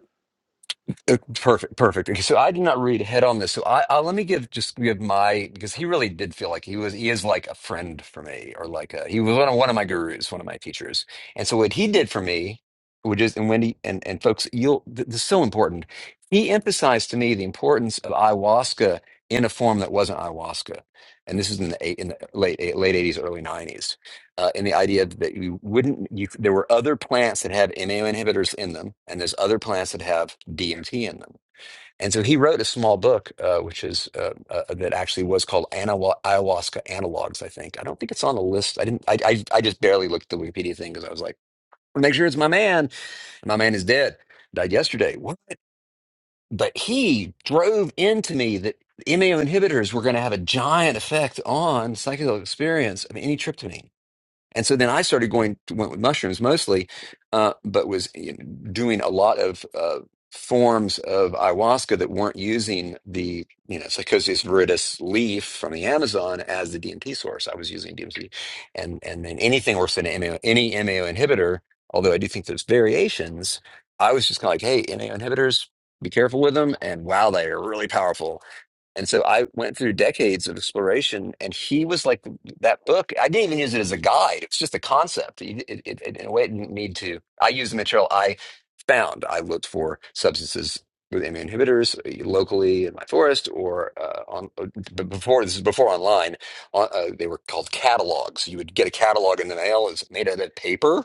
Uh, Perfect, perfect. Okay, So I did not read ahead on this. So I, I let me give just give my because he really did feel like he was he is like a friend for me or like a, he was one of one of my gurus, one of my teachers. And so what he did for me, which is and Wendy and and folks, you'll th- this is so important. He emphasized to me the importance of ayahuasca in a form that wasn't ayahuasca, and this is in the eight, in the late eight, late eighties, early nineties uh, in the idea that you wouldn't you there were other plants that had MAO inhibitors in them, and there's other plants that have DMT in them. And so he wrote a small book, uh, which is uh, uh, that actually was called Anawa- Ayahuasca Analogs. I think I don't think it's on the list. I didn't. I I, I just barely looked at the Wikipedia thing because I was like, make sure it's my man. And my man is dead. Died yesterday. What? But he drove into me that MAO inhibitors were going to have a giant effect on psychedelic experience of any tryptamine. And so then I started going went with mushrooms mostly, uh, but was you know, doing a lot of uh, forms of ayahuasca that weren't using the you know Psychosis viridis leaf from the Amazon as the DMT source. I was using DMT, and and then anything worse than MAO, any MAO inhibitor. Although I do think there's variations, I was just kind of like, hey, MAO inhibitors, be careful with them, and wow, they are really powerful and so I went through decades of exploration, and he was like that book. I didn't even use it as a guide; it's just a concept. It, it, it, it- in a way, it didn't need to. I used the material I found. I looked for substances with MA inhibitors eh, locally in my forest, or uh, on uh, b- before this is before online. On, uh, they were called catalogs. You would get a catalog in the mail. It's made out of paper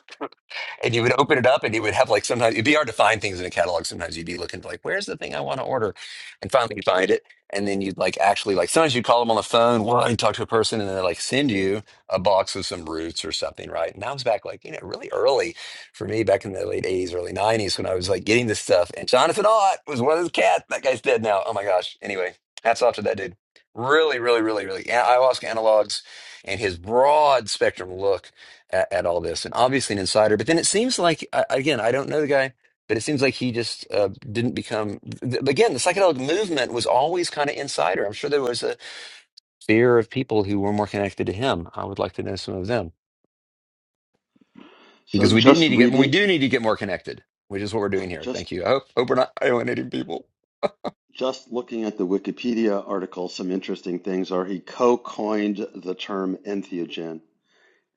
and you would open it up and you would have like sometimes it'd be hard to find things in a catalog. Sometimes you'd be looking for like, where's the thing I want to order? And finally you find it. And then you'd like actually like sometimes you call them on the phone, well, and talk to a person and they like send you a box of some roots or something, right? And that was back like, you know, really early for me back in the late 80s, early 90s when I was like getting this stuff. And Jonathan Ott was one of those cats. That guy's dead now. Oh my gosh. Anyway, hats off to that dude. Really, really, really, really. Yeah, ayahuasca analogs and his broad spectrum look at, at all this, and obviously an insider. But then it seems like, I- again, I don't know the guy, but it seems like he just uh, didn't become. th- Again, the psychedelic movement was always kind of insider. I'm sure there was a fear of people who were more connected to him. I would like to know some of them So because we do just need to get we reading, do need to get more connected, which is what we're doing here. just Thank you. I hope, hope we're not alienating people. just looking at the Wikipedia article, some interesting things are he co-coined the term entheogen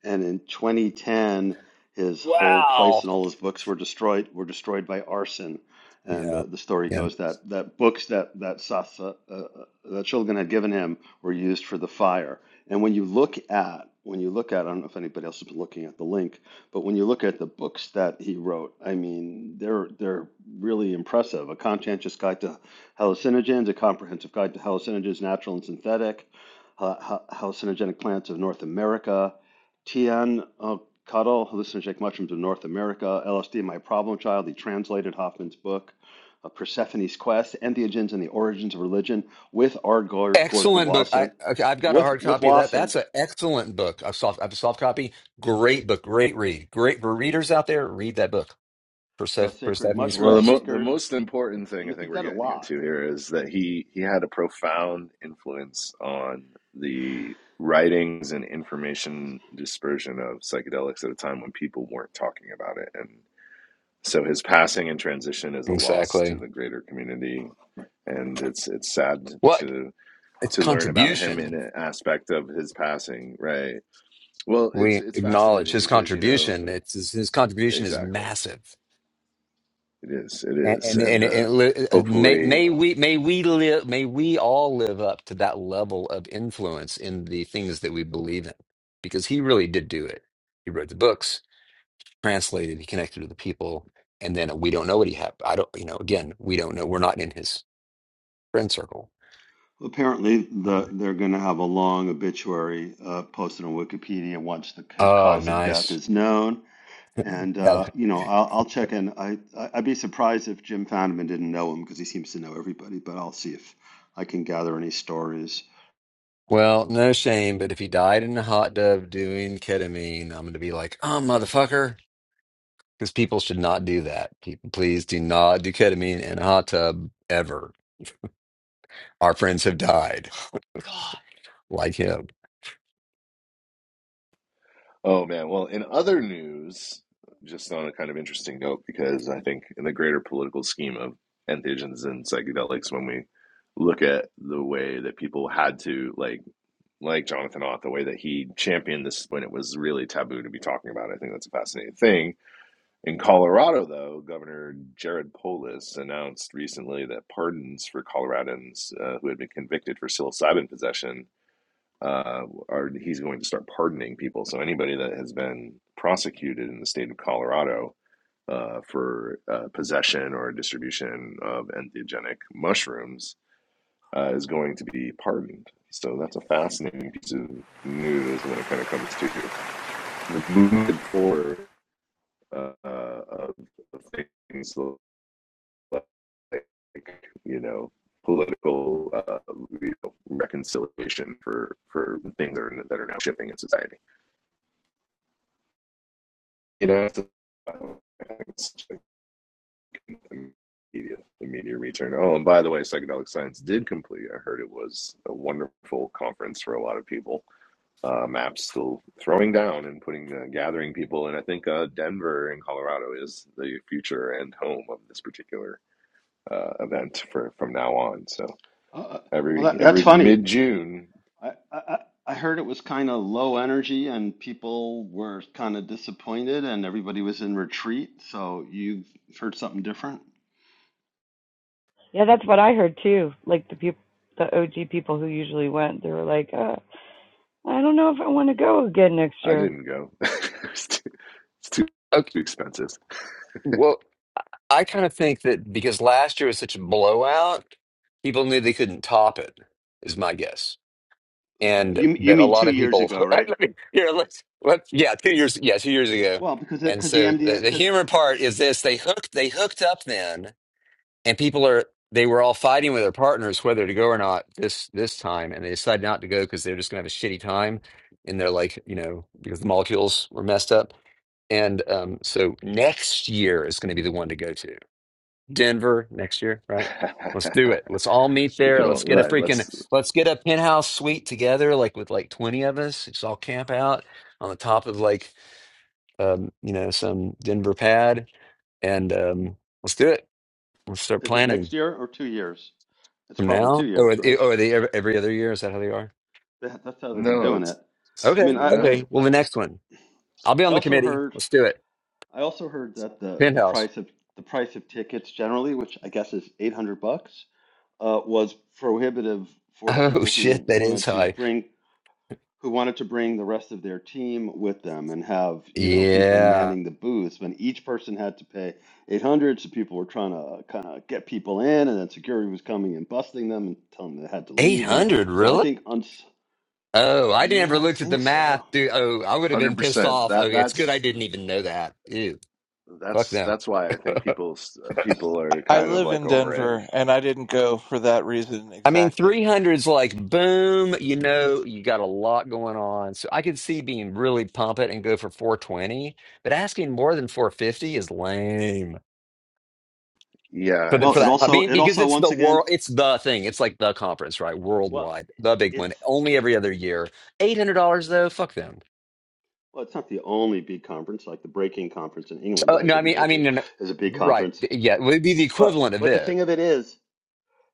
And in 2010, his whole place Wow. and all his books were destroyed were destroyed by arson. And Yeah. the, the story Yeah. goes that that books that that Sasa uh, uh, that Shulgin had given him were used for the fire. And when you look at when you look at, I don't know if anybody else has been looking at the link, but when you look at the books that he wrote, I mean, they're they're really impressive. A Conscientious Guide to Hallucinogens, A Comprehensive Guide to Hallucinogens, Natural and Synthetic, uh, Hallucinogenic Plants of North America, Tian uh, Cuddle, Hallucinogenic Mushrooms of North America, LSD, My Problem Child. He translated Hoffman's book, uh, Persephone's Quest, Entheogens and the Origins of Religion, with R. Gordon Excellent book. I Wasson, okay, I've got a with hard with copy of that. Wasson, That's an excellent book. A soft, I have a soft copy. Great book. Great read. Great for readers out there. Read that book. the Perseph- Sacred Persephone's Well, Mushroom the Quest. mo- the Seeker. most important I thing I mean, he think we're did a getting here lot. to here is that he he had a profound influence on the writings and information dispersion of psychedelics at a time when people weren't talking about it, and so his passing and transition is a loss to Exactly. the greater community, and it's it's sad What? to It's to learn about him in contribution. an aspect of his passing, right? Well, it's We it's acknowledge fascinating his because you know contribution. It's his, his contribution is exactly massive. it is it And is, and, and and, uh, and li- uh, may hopefully may we may we live may we all live up to that level of influence in the things that we believe in, because he really did do it. He wrote the books. translated, he connected with the people, and then we don't know what he had. I don't, you know, again, we don't know. We're not in his friend circle. Apparently, Um, the, they're going to have a long obituary uh, posted on Wikipedia once the, his oh, cause of death nice. is known. And Yeah. uh, you know, I'll, I'll check in. I, I I'd be surprised if Jim found didn't know him because he seems to know everybody. But I'll see if I can gather any stories. Well, no shame, but if he died in a hot tub doing ketamine, I'm going to be like, oh, motherfucker. Because people should not do that. People, please do not do ketamine in a hot tub ever. Our friends have died. God. Like him. Oh man. Well, in other news, just on a kind of interesting note, because I think in the greater political scheme of entheogens and psychedelics, when we look at the way that people had to like like Jonathan Ott, the way that he championed this when it was really taboo to be talking about, it, I think that's a fascinating thing. In Colorado, though, Governor Jared Polis announced recently that pardons for Coloradans uh, who had been convicted for psilocybin possession uh, are he's going to start pardoning people. So anybody that has been prosecuted in the state of Colorado uh, for uh, possession or distribution of entheogenic mushrooms uh, is going to be pardoned. So that's a fascinating piece of news when it kind of comes to the movement forward uh, uh, of of things like you know political uh, you know, reconciliation for for things that are, that are now shifting in society. you know, it's, it's the media, the media return. Oh, and by the way, psychedelic science did complete. I heard it was a wonderful conference for a lot of people. Uh, Maps still throwing down and putting uh, gathering people, and I think uh, Denver and Colorado is the future and home of this particular uh, event for from now on. So Uh, uh, well, every that, that's every funny. mid June, I, I I heard it was kind of low energy and people were kind of disappointed and everybody was in retreat. So you've heard something different? Yeah, that's what I heard too. Like the people, the OG people who usually went, they were like, uh, I don't know if I want to go again next I year. didn't go. it's, too, it's too Okay, expensive. well, I kind of think that because last year was such a blowout, people knew they couldn't top it, is my guess. And You you that a mean lot two of years people, ago, right? let me, here, let's, let's, yeah, two years, yeah, two years ago. Well, because And because the so the, MDM the because humor part is this, they hooked, they hooked up then, and people are, they were all fighting with their partners whether to go or not this, this time. And they decided not to go because they're just going to have a shitty time. And they're like, you know, because the molecules were messed up And um, so next year is going to be the one to go to. Denver next year, right? Let's do it. Let's all meet we there. can all Let's get a like, let's freaking, let's get a penthouse suite together, like with like 20 of us. Just all camp out on the top of like, um, you know, some Denver pad. And um, let's do it. Let's start Is it planning next year or two years? It's from probably two now. Oh, are years, they, right? oh, are they every, every other year? Is that how they are? That, that's how they've been No, doing it's, it. it's I mean, Okay. I, I no, Okay. Well, I the next one. I'll be I on the also committee. heard Let's do it. I also heard that the the Penthouse. price of the price of tickets generally, which I guess is eight hundred bucks, uh, was prohibitive for Oh, people who shit. That is wanted to high. bring who wanted to bring the rest of their team with them and have you know people Yeah. manning the booths when each person had to pay 800 so people were trying to kind of get people in and then security was coming and busting them and telling them they had to leave and 800, so i really? think on Oh, I never yeah i looked at the think math, so dude. Oh, I would have been hundred pissed percent. off. That Okay, it's good I that's didn't even know that. Ew, fuck that's them. that's why I think people people are I kind of live like in over it. Denver, and I didn't go for that reason I mean, exactly. 300's like, boom, you know, you got a lot going on. So I could see being really pump it and go for 420, but asking more than 450 is lame. For, Yeah, the, for well it it's. that, I also mean, it because also it's the once again world, it's the thing. It's like the conference, right? well Worldwide, the big it's one, only every other year. $800 though, fuck them. well it's not the only big conference like the breaking conference in england Oh, that i no, I didn't mean, go I mean, to n- is a big right. conference Yeah, it would be the but equivalent of but the it. thing of it is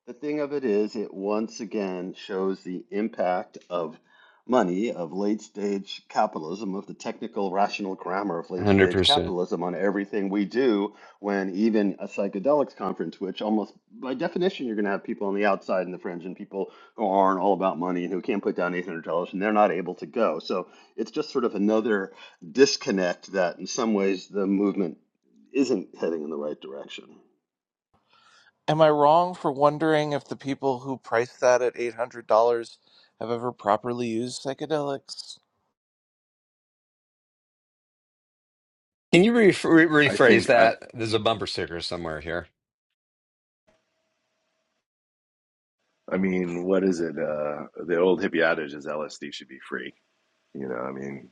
The thing of it is, it once again shows the impact of money, of late stage capitalism, of the technical rational grammar of late stage 100%. capitalism on everything we do. When even a psychedelics conference, which almost by definition you're going to have people on the outside and the fringe and people who aren't all about money and who can't put down $800 and they're not able to go. So it's just sort of another disconnect that in some ways the movement isn't heading in the right direction. Am I wrong for wondering if the people who priced that at eight hundred dollars have ever properly used psychedelics? Can you re re I rephrase think I. that? There's a bumper sticker somewhere here. I mean, what is it? Uh, the old hippie adage is LSD should be free. You know, I mean,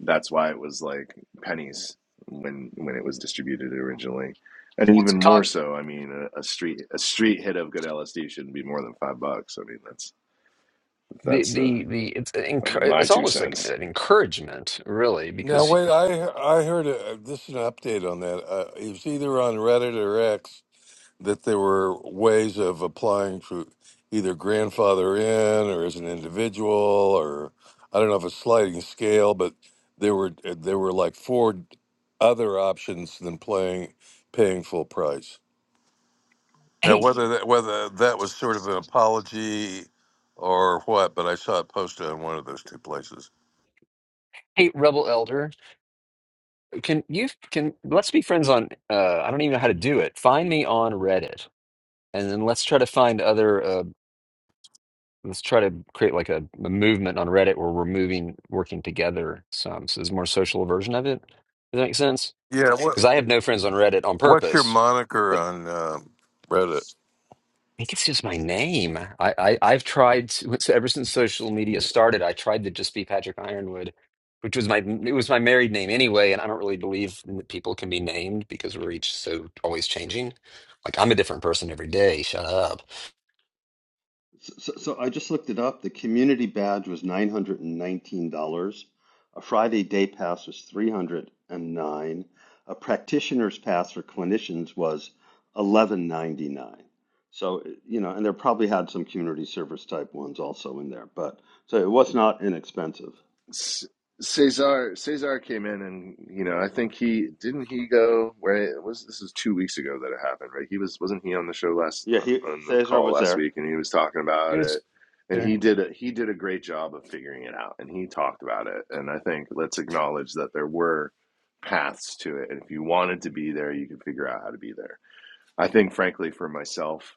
that's why it was like pennies when when it was distributed originally, and Well, it's even more cog- so. I mean, a, a street a street hit of good LSD shouldn't be more than five bucks. I mean, that's The that's uh, the the it's I mean, encour- my it's two almost like cents. an encouragement, really, now, because wait. I I heard a, this is an update on that. Uh, it was either on Reddit or X that there were ways of applying for either grandfather in or as an individual or I don't know if a sliding scale, but there were there were like four other options than playing paying full price. Now, hey, whether that, whether that was sort of an apology or what, but I saw it posted on one of those two places. hey, rebel elder, can you can let's be friends on uh I don't even know how to do it. Find me on Reddit and then let's try to find other uh, let's try to create like a, a movement on Reddit where we're moving, working together some. So there's a more social version of it. Does that make sense? Yeah. What, Because I have no friends on Reddit on what's your purpose, moniker but I on um, Reddit? think it's just my name. I, I I've tried to, so ever since social media started. I tried to just be Patrick Ironwood, which was my it was my married name anyway, and I don't really believe that people can be named because we're each so always changing. Like I'm a different person every day. Shut up. So, so so I just looked it up. The community badge was nine hundred and nineteen dollars. A Friday day pass was three hundred and nine. A practitioner's pass for clinicians was eleven ninety nine. So, you know, and they probably had some community service type ones also in there, but so it was not inexpensive. Cesar Cesar came in and you know I think he didn't he go where it was this is two weeks ago that it happened right he was wasn't he on the show last Yeah, he, uh, on the Cesar call was last there. week and he was talking about Here's- it and he I, did a he did a great job of figuring it out and he talked about it and I think let's acknowledge that there were paths to it and if you wanted to be there you could figure out how to be there I think, frankly, for myself,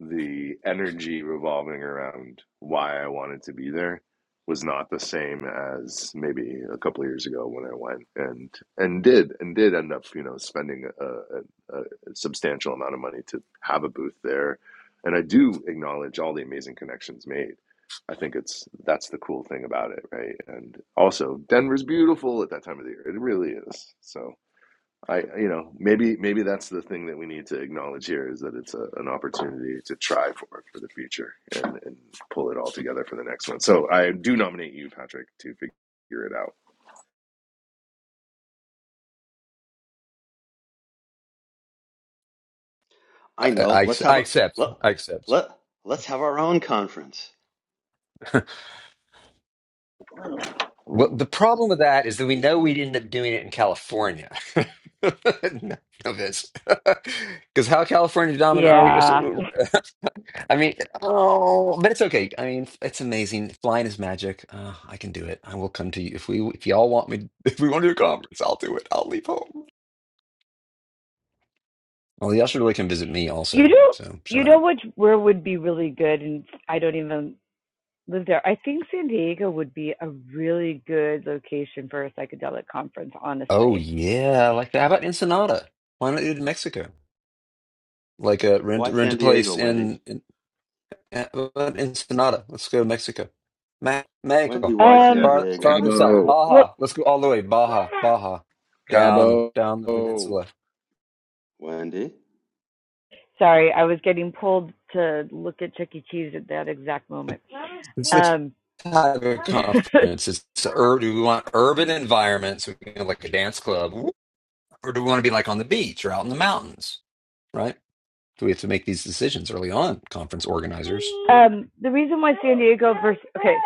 the energy revolving around why I wanted to be there was not the same as maybe a couple of years ago when I went and and did and did end up you know spending a, a, a substantial amount of money to have a booth there, and I do acknowledge all the amazing connections made. I think it's that's the cool thing about it, right? And also Denver's beautiful at that time of the year. It really is. So I, you know, maybe maybe that's the thing that we need to acknowledge here is that it's a, an opportunity to try for it for the future and, and pull it all together for the next one. So I do nominate you, Patrick, to figure it out. I know. I, Let's I have a accept. let, I accept. let let's have our own conference. Well, Ooh. the problem with that is that we know we'd end up doing it in California. None of this. Because how California dominant are we? Yeah, So, I mean, oh, but it's okay. I mean, it's amazing. Flying is magic. Uh, I can do it. I will come to you if we if y'all want me. If we want to do a conference, I'll do it. I'll leave home. Well, y'all should really come visit me You also. know, So shut you know up. what where would be really good, and I don't even live there. I think San Diego would be a really good location for a psychedelic conference, Oh honestly. yeah, I like that. How about Ensenada? Why not do it in Mexico? Like a rent Why rent a San place Diego, Wendy? in. in Uh, what about Ensenada? Let's go to Mexico. Ma- Wendy, Mexico. why But yeah, San Um, Far, Diego? absolutely. farther south. Cabo, well, Baja. Let's go all the way. Baja. Baja. Down, down the Cabo, peninsula. Wendy? sorry, I was getting pulled to look at Chuck E. Cheese at that exact But moment. It's the Um, type of conference. It's ur- do we want urban environments, we can have like a dance club, or do we want to be like on the beach or out in the mountains? Right? Do we have to make these decisions early on, conference organizers? um, the reason why San Diego versus okay,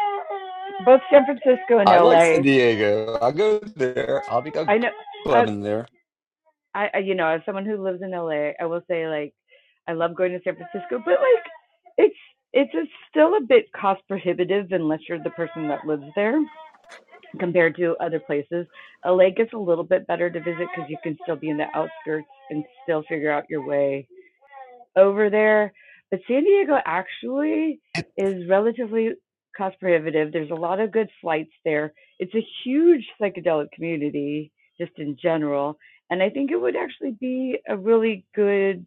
both San Francisco and I like San L.A. Diego. I'll go there. I'll be I'll I go know. uh, clubbing there. I, you know, as someone who lives in LA, I will say like I love going to San Francisco, but like it's it's a, still a bit cost prohibitive unless you're the person that lives there compared to other places. LA gets a little bit better to visit because you can still be in the outskirts and still figure out your way over there. But San Diego actually is relatively cost prohibitive. There's a lot of good flights there. It's a huge psychedelic community just in general. And I think it would actually be a really good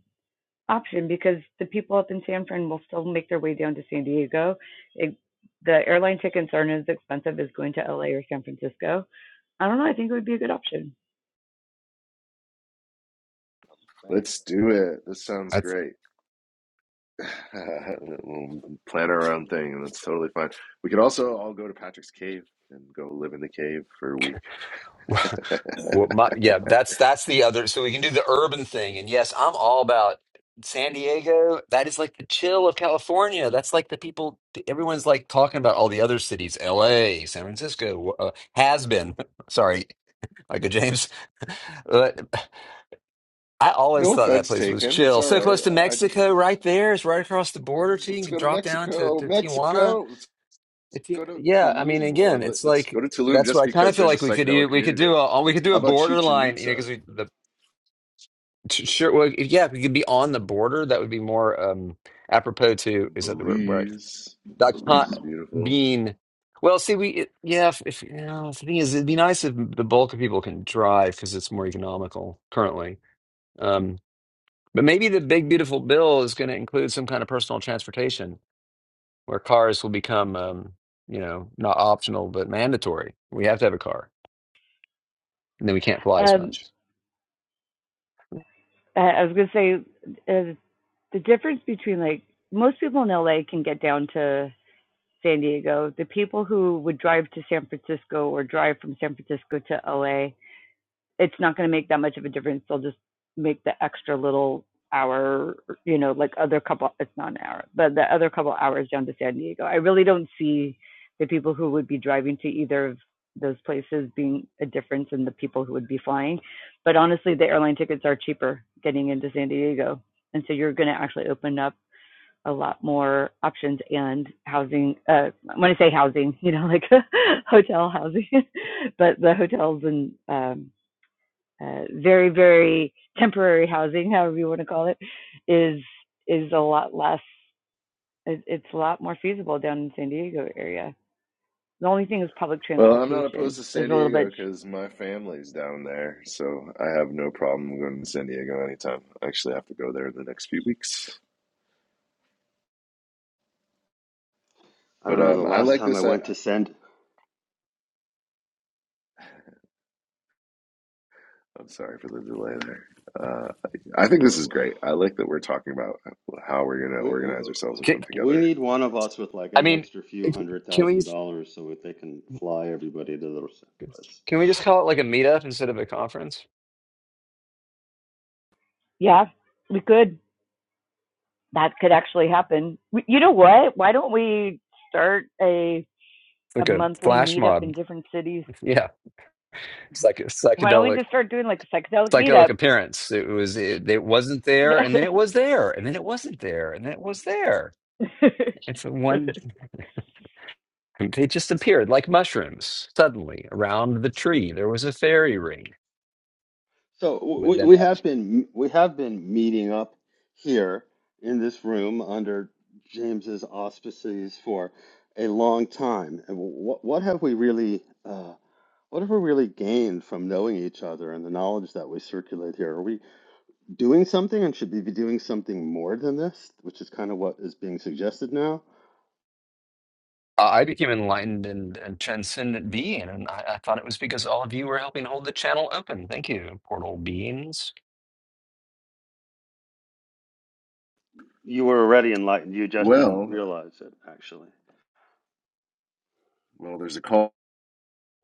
option because the people up in San Fran will still make their way down to San Diego. It, the airline tickets aren't as expensive as going to LA or San Francisco. I don't know. I think it would be a good option. Thanks. let's do it. This sounds That's great. we'll plan our own thing, and that's totally fine. We could also all go to Patrick's cave and go live in the cave for a week. Well, my, yeah, that's that's the other. So we can do the urban thing, and yes, I'm all about San Diego. That is like the chill of California. That's like the people. Everyone's like talking about all the other cities, L.A., San Francisco, uh, has been. Sorry, Michael James. But I always No thought that offense place was taken. It's chill. all So right. close to I just Mexico, right there. It's right across the border. So you Let's can go to drop down to, Mexico, to Tijuana. Mexico. Let's If you, go to yeah, I mean, Tulum, or again, let, it's let's like go to Tulum that's what just I kind of because feel there's a like we could psychedelic do. We could community there. do a we could do How a about Chichen borderline, you know, Itza? because the T- Sure. Well, if- yeah, if you could be on the border, that would be more um apropos to is that the word right? Belize, Dot Belize com is beautiful. being well, see, we it, yeah. If, if you know, the thing is, it'd be nice if the bulk of people can drive because it's more economical currently. Um, but maybe the big beautiful bill is going to include some kind of personal transportation where cars will become um, you know not optional but mandatory. We have to have a car, and then we can't fly as Um, much. I was going to say, uh, the difference between like most people in LA can get down to San Diego. The people who would drive to San Francisco or drive from San Francisco to LA, it's not going to make that much of a difference. They'll just make the extra little hour, you know, like other couple, it's not an hour, but the other couple hours down to San Diego. I really don't see the people who would be driving to either of those places being a difference in the people who would be flying. But honestly, the airline tickets are cheaper getting into San Diego. And so you're going to actually open up a lot more options and housing uh when i say housing you know like hotel housing but the hotels and um uh, very very temporary housing however you want to call it is is a lot less it, it's a lot more feasible down in san diego area the only thing is public Well, I'm not transportation opposed to is San a little bit Diego because my family's down there, so I have no problem going to San Diego anytime. I actually have to go there in the next few weeks. I But don't know, the um, I last like time I this. I, went to send, I'm sorry for the delay there. Uh, I think this is great. I like that we're talking about how we're going to we, organize ourselves and Can, come we together. need one of us with like I an mean, extra few hundred can we? thousand dollars so that they can fly everybody to the place. Can we just call it like a meetup instead of a conference? yeah we could that could actually happen we, you know what why don't we start a a Like a monthly flash meetup in mob. different cities Yeah. Psych Why don't we psychedelic just start doing like a psychedelic psychedelic meetup? appearance. It was it, it wasn't there and then it was there and then it wasn't there and then it was there. Yeah. And so one it just appeared like mushrooms suddenly around the tree. There was a fairy ring So we, within we have that. been we have been meeting up here in this room under James's auspices for a long time. And what what have we really uh, what have we really gained from knowing each other and the knowledge that we circulate here? Are we doing something and should be doing something more than this, which is kind of what is being suggested now. I I became enlightened and, and transcendent being, and I, I thought it was because all of you were helping hold the channel open. Thank you, portal beings. You were already enlightened. You just didn't Well, realize it, actually. well, there's a call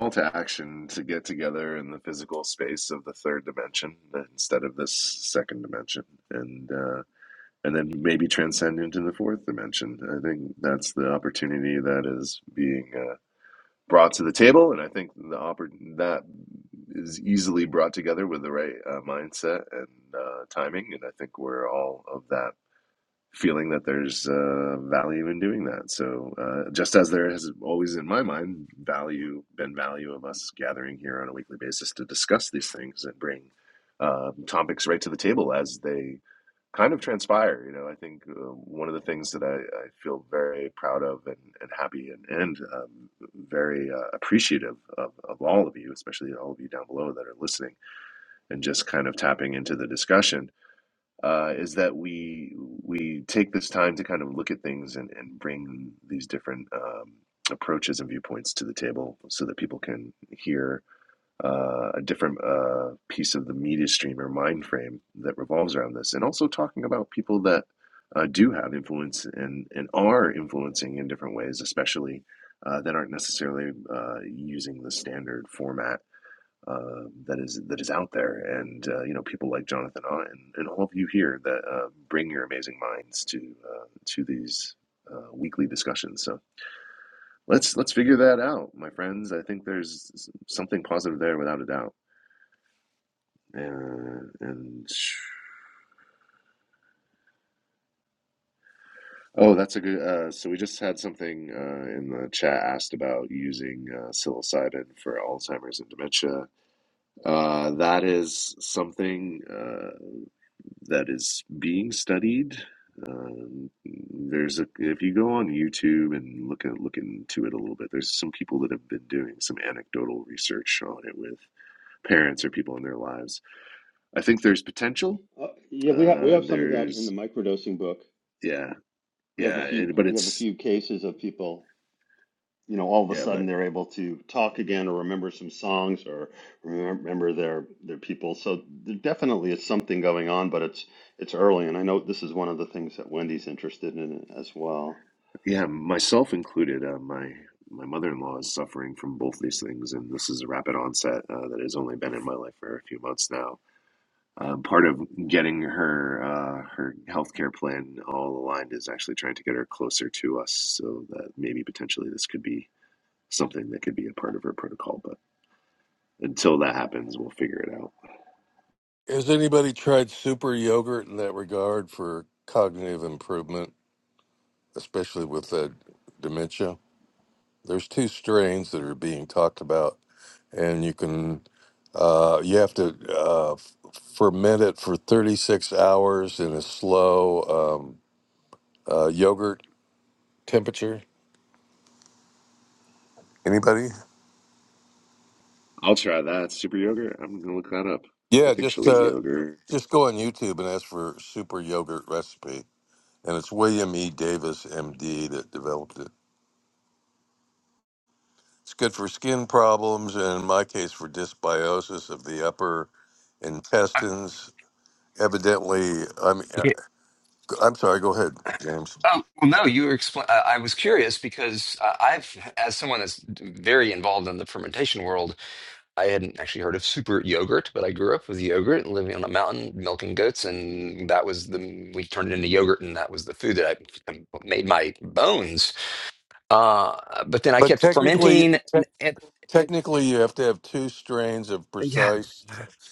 call to action to get together in the physical space of the third dimension instead of this second dimension, and. uh, and then maybe transcend into the fourth dimension. I think that's the opportunity that is being uh, brought to the table, and I think the oppor- that is easily brought together with the right uh, mindset and uh, timing, and I think we're all of that feeling that there's uh, value in doing that. So uh, just as there has always in my mind value been value of us gathering here on a weekly basis to discuss these things and bring uh, topics right to the table as they kind of transpire. You know, I think uh, one of the things that I, I feel very proud of and, and happy and, and um, very uh, appreciative of, of all of you, especially all of you down below that are listening and just kind of tapping into the discussion, uh, is that we we take this time to kind of look at things and, and bring these different um, approaches and viewpoints to the table so that people can hear uh, a different uh, piece of the media stream or mind frame that revolves around this, and also talking about people that uh, do have influence and and are influencing in different ways, especially uh, that aren't necessarily uh, using the standard format uh, that is that is out there. And uh, you know, people like Jonathan Ott and, and all of you here that uh, bring your amazing minds to uh, to these uh, weekly discussions. So. Let's let's figure that out, my friends. I think there's something positive there, without a doubt. And, and oh, that's a good. Uh, so we just had something uh, in the chat asked about using uh, psilocybin for Alzheimer's and dementia. Uh, that is something uh, that is being studied. Um, there's a if you go on YouTube and look at look into it a little bit. There's some people that have been doing some anecdotal research on it with parents or people in their lives. I think there's potential. Uh, yeah, we have we Uh, have some of that in there's the microdosing book. yeah, We have a yeah, few it, but we have a it's few cases of people. You know, all of a Yeah, sudden but they're able to talk again or remember some songs or remember their their people. So there definitely is something going on, but it's it's early, and I know this is one of the things that Wendy's interested in as well. yeah, myself included, uh, my my mother-in-law is suffering from both these things, and this is a rapid onset uh, that has only been in my life for a few months now. Um, part of getting her uh, her healthcare plan all aligned is actually trying to get her closer to us, so that maybe potentially this could be something that could be a part of her protocol. But until that happens, we'll figure it out. Has anybody tried super yogurt in that regard for cognitive improvement, especially with uh, dementia? There's two strains that are being talked about, and you can uh, you have to uh, f- ferment it for 36 hours in a slow um, uh, yogurt temperature Anybody? I'll try that super yogurt. I'm gonna look that up. I Yeah, think she'll just eat uh, yogurt. just go on YouTube and ask for super yogurt recipe, and it's William E. Davis, M.D., that developed it. It's good for skin problems, and in my case, for dysbiosis of the upper intestines. Evidently, I'm I'm sorry. Go ahead, James. Um, well, no, you were expl- I I was curious because uh, I've, as someone that's very involved in the fermentation world, I hadn't actually heard of super yogurt, but I grew up with yogurt and living on a mountain, milking goats, and that was the we turned it into yogurt, and that was the food that I what made my bones. Uh, but then I But kept technically, fermenting, te- and, technically, you have to have two strains of and yeah, precise.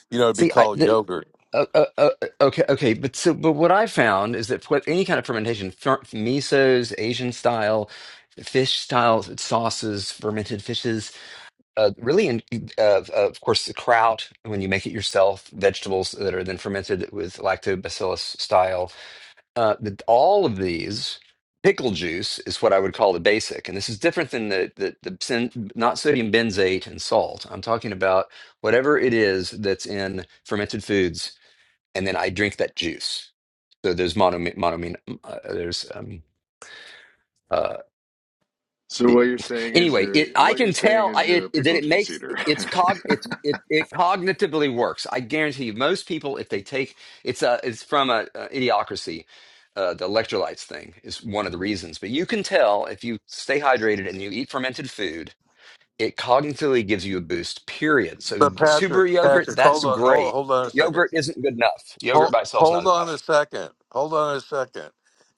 You know, it'd be see, I called yogurt. Uh, uh, uh, okay, okay, but so, but what I found is that for any kind of fermentation, fer misos, Asian style, fish style sauces, fermented fishes, uh, really, in, uh, of of course, the kraut when you make it yourself, vegetables that are then fermented with lactobacillus style, uh, the, all of these. Pickle juice is what I would call the basic, and this is different than the the, the sen- not sodium benzate and salt. I'm talking about whatever it is that's in fermented foods and then I drink that juice. So there's mono, monoamine. Uh, there's um uh. So It, what you're saying is anyway, it you're I what you're can saying tell is I, you're it a it that pickle it juice makes eater. it's cog it's it it cognitively works. I guarantee you, most people if they take it's a it's from a, a idiocracy. Uh, the electrolytes thing is one of the reasons, but you can tell if you stay hydrated and you eat fermented food, it cognitively gives you a boost. Period. So But super Patrick, yogurt, Patrick, that's hold on, hold, great. hold on a second. Yogurt isn't good enough. Yogurt Hold, by itself is not hold on enough a second. Hold on a second.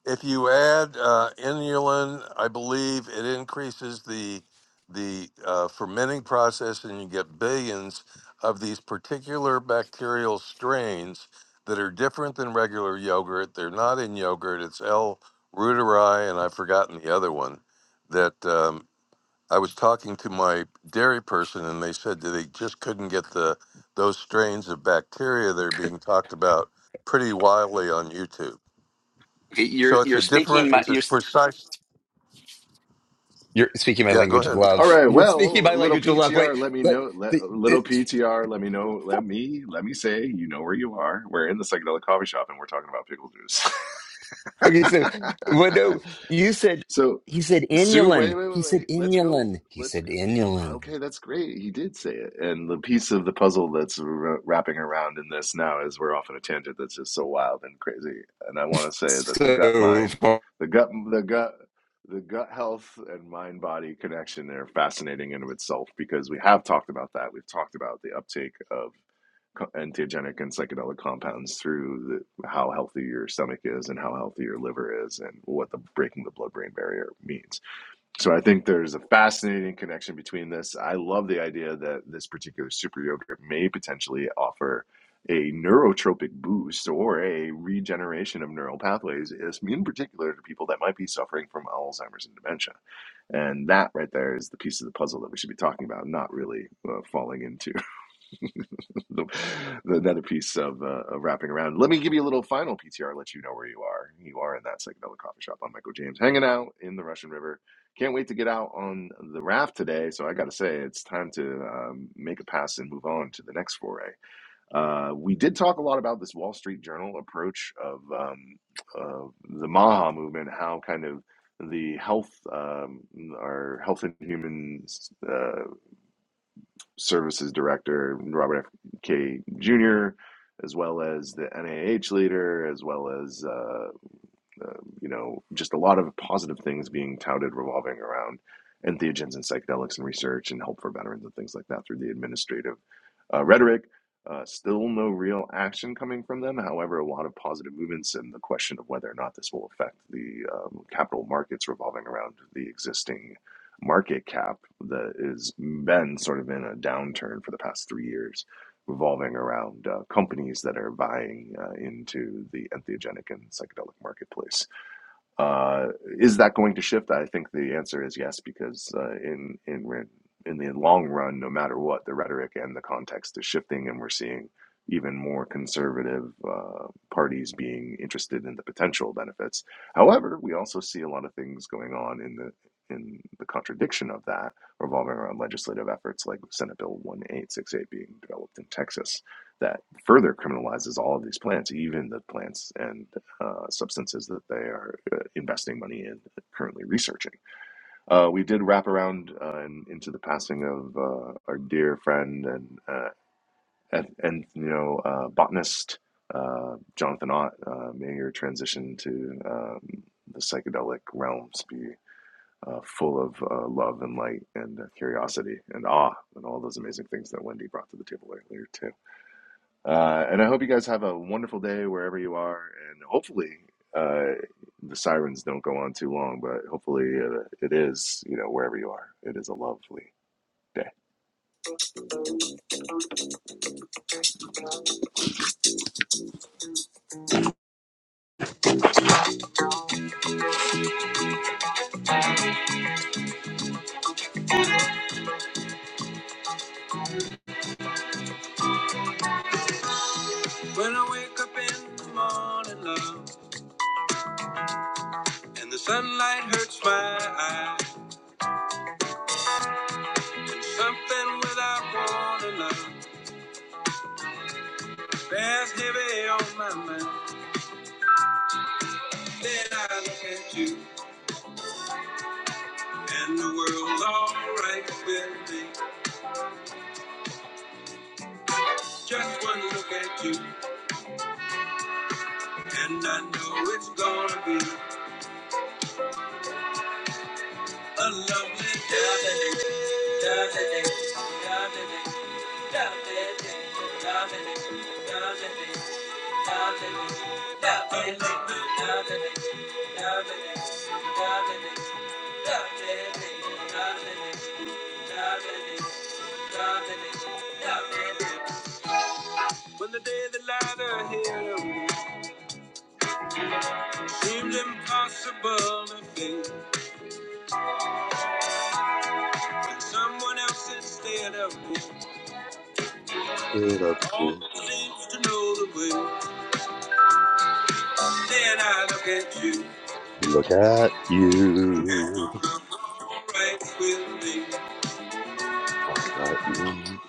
If you add uh, inulin, I believe it increases the the uh, fermenting process, and you get billions of these particular bacterial strains that are different than regular yogurt. They're not in yogurt. It's L. reuteri, and I've forgotten the other one. That um, I was talking to my dairy person, and they said that they just couldn't get the those strains of bacteria that are being talked about pretty wildly on YouTube. Okay, you're So it's a you're speaking different, my it's a you're precise. you're speaking my Yeah, go language of ahead. All love. right. You're speaking my Well, little language of love. Wait, PTR, let me like know. Let, the, it, little PTR, let me know. Let me let me say, you know where you are. We're in the psychedelic coffee shop, and we're talking about pickle okay. So, well, juice. no, you said so he said Sue, wait, inulin. wait, He wait, said wait. Let's go. inulin. He Let's said go. inulin. Okay, that's great. He did say it. And the piece of the puzzle that's wra- wrapping around in this now is we're off on a tangent that's just so wild and crazy. And I want to say that the gut mind, So the gut, the gut, the gut health and mind body connection are fascinating in of itself because we have talked about that. We've talked about the uptake of co- entheogenic and psychedelic compounds through the, how healthy your stomach is and how healthy your liver is and what the breaking the blood brain barrier means so I think there's a fascinating connection between this. I love the idea that this particular super yogurt may potentially offer a neurotropic boost or a regeneration of neural pathways, is- in particular to people that might be suffering from Alzheimer's and dementia. And that right there is the piece of the puzzle that we should be talking about, not really uh, falling into. the, the, another piece of, uh, of wrapping around. Let me give you a little final PTR, let you know where you are. You are in that psychedelic coffee shop. I'm Michael James, hanging out in the Russian River. Can't wait to get out on the raft today. So I got to say, it's time to um, make a pass and move on to the next foray. Uh, we did talk a lot about this Wall Street Journal approach of, um, of the Maha movement, how kind of the health, um, our health and human uh, Services Director Robert F. K. Jr., as well as the NIH leader, as well as uh, um, you know, just a lot of positive things being touted revolving around entheogens and psychedelics and research and help for veterans and things like that through the administrative uh, rhetoric. Uh, still no real action coming from them. However, a lot of positive movements and the question of whether or not this will affect the um, capital markets revolving around the existing market cap that has been sort of in a downturn for the past three years, revolving around uh, companies that are buying uh, into the entheogenic and psychedelic marketplace. Uh, is that going to shift? I think the answer is yes, because uh, in in in the long run, no matter what, the rhetoric and the context is shifting, and we're seeing even more conservative uh, parties being interested in the potential benefits. However, we also see a lot of things going on in the in the contradiction of that, revolving around legislative efforts like Senate Bill 1868 being developed in Texas that further criminalizes all of these plants, even the plants and uh, substances that they are uh, investing money in, uh, currently researching. Uh, we did wrap around uh, and into the passing of uh, our dear friend and uh, and, and you know uh, botanist uh, Jonathan Ott. Uh, may your transition to um, the psychedelic realms be. Uh, full of uh, love and light and uh, curiosity and awe and all those amazing things that Wendy brought to the table earlier too. Uh, and I hope you guys have a wonderful day wherever you are. And hopefully, uh, the sirens don't go on too long, but hopefully, uh, it is, you know, wherever you are. It is a lovely day. When I wake up in the morning, love, and the sunlight hurts my eyes, and something without warning, love, bears heavy on my mind. Then I look at you, and the world's alright with me. Just one look at you. And I know it's gonna be a lovely day. Lovely day, lovely day, lovely day, lovely day, day, day, day, day, day, day, day, day. When the day the light are here seemed impossible to face. Someone else instead of me Get up. always seems to know the way. Then I look at you, Look at and the you. world alright with me. All right. mm,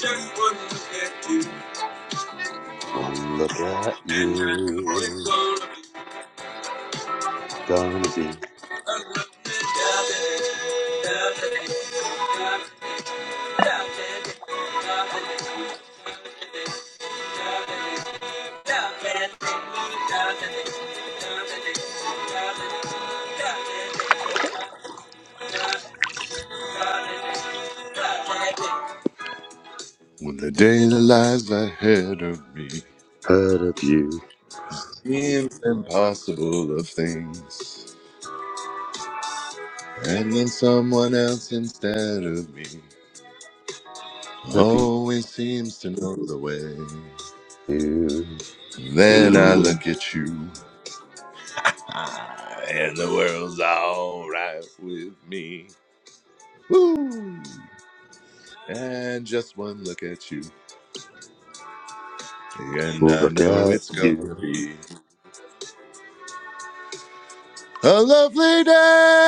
Just one look at you, One look at and I know it's you. gonna be Gonna be a lovely day. Lovely day. When the day that lies ahead of me heard of you. seems impossible of things, and then someone else instead of me Heard of always seems to know the way. you. Then I look at you, ah, and the world's alright with me. Woo! And just one look at you, and I Look know at it's you. gonna be A lovely day.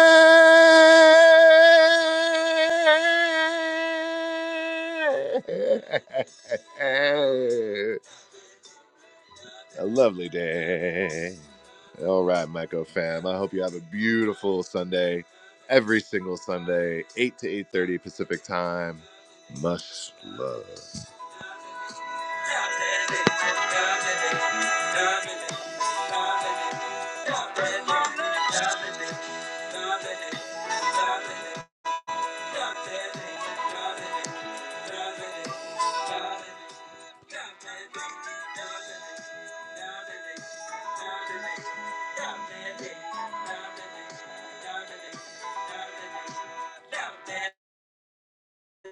A lovely day. All right, Michael fam. I hope you have a beautiful Sunday. Every single Sunday, 8 to 8:30 Pacific time. Much love.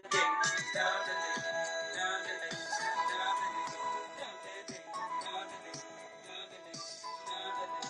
Thank you.